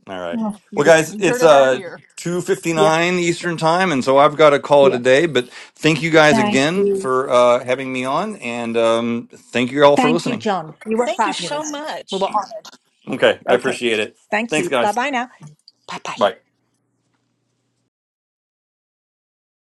Speaker 3: All right.
Speaker 2: Oh,
Speaker 3: Well,
Speaker 1: You
Speaker 3: guys,
Speaker 1: you heard
Speaker 3: it's
Speaker 1: it all
Speaker 3: uh
Speaker 1: here.
Speaker 3: two fifty
Speaker 2: yeah.
Speaker 3: nine Eastern time, and so I've got to call it a
Speaker 2: Yeah.
Speaker 3: day. But thank you guys
Speaker 2: Thank
Speaker 3: again
Speaker 2: you.
Speaker 3: for uh, having me on, and um, thank you all for
Speaker 2: Thank you,
Speaker 3: listening.
Speaker 2: John. You were
Speaker 1: Thank you so
Speaker 2: fabulous. We
Speaker 1: much.
Speaker 2: were honored.
Speaker 3: Okay, I
Speaker 2: Okay.
Speaker 3: appreciate it.
Speaker 2: Thank
Speaker 3: Thanks,
Speaker 2: you. Bye
Speaker 3: guys.
Speaker 2: bye now. Bye bye.
Speaker 3: Bye.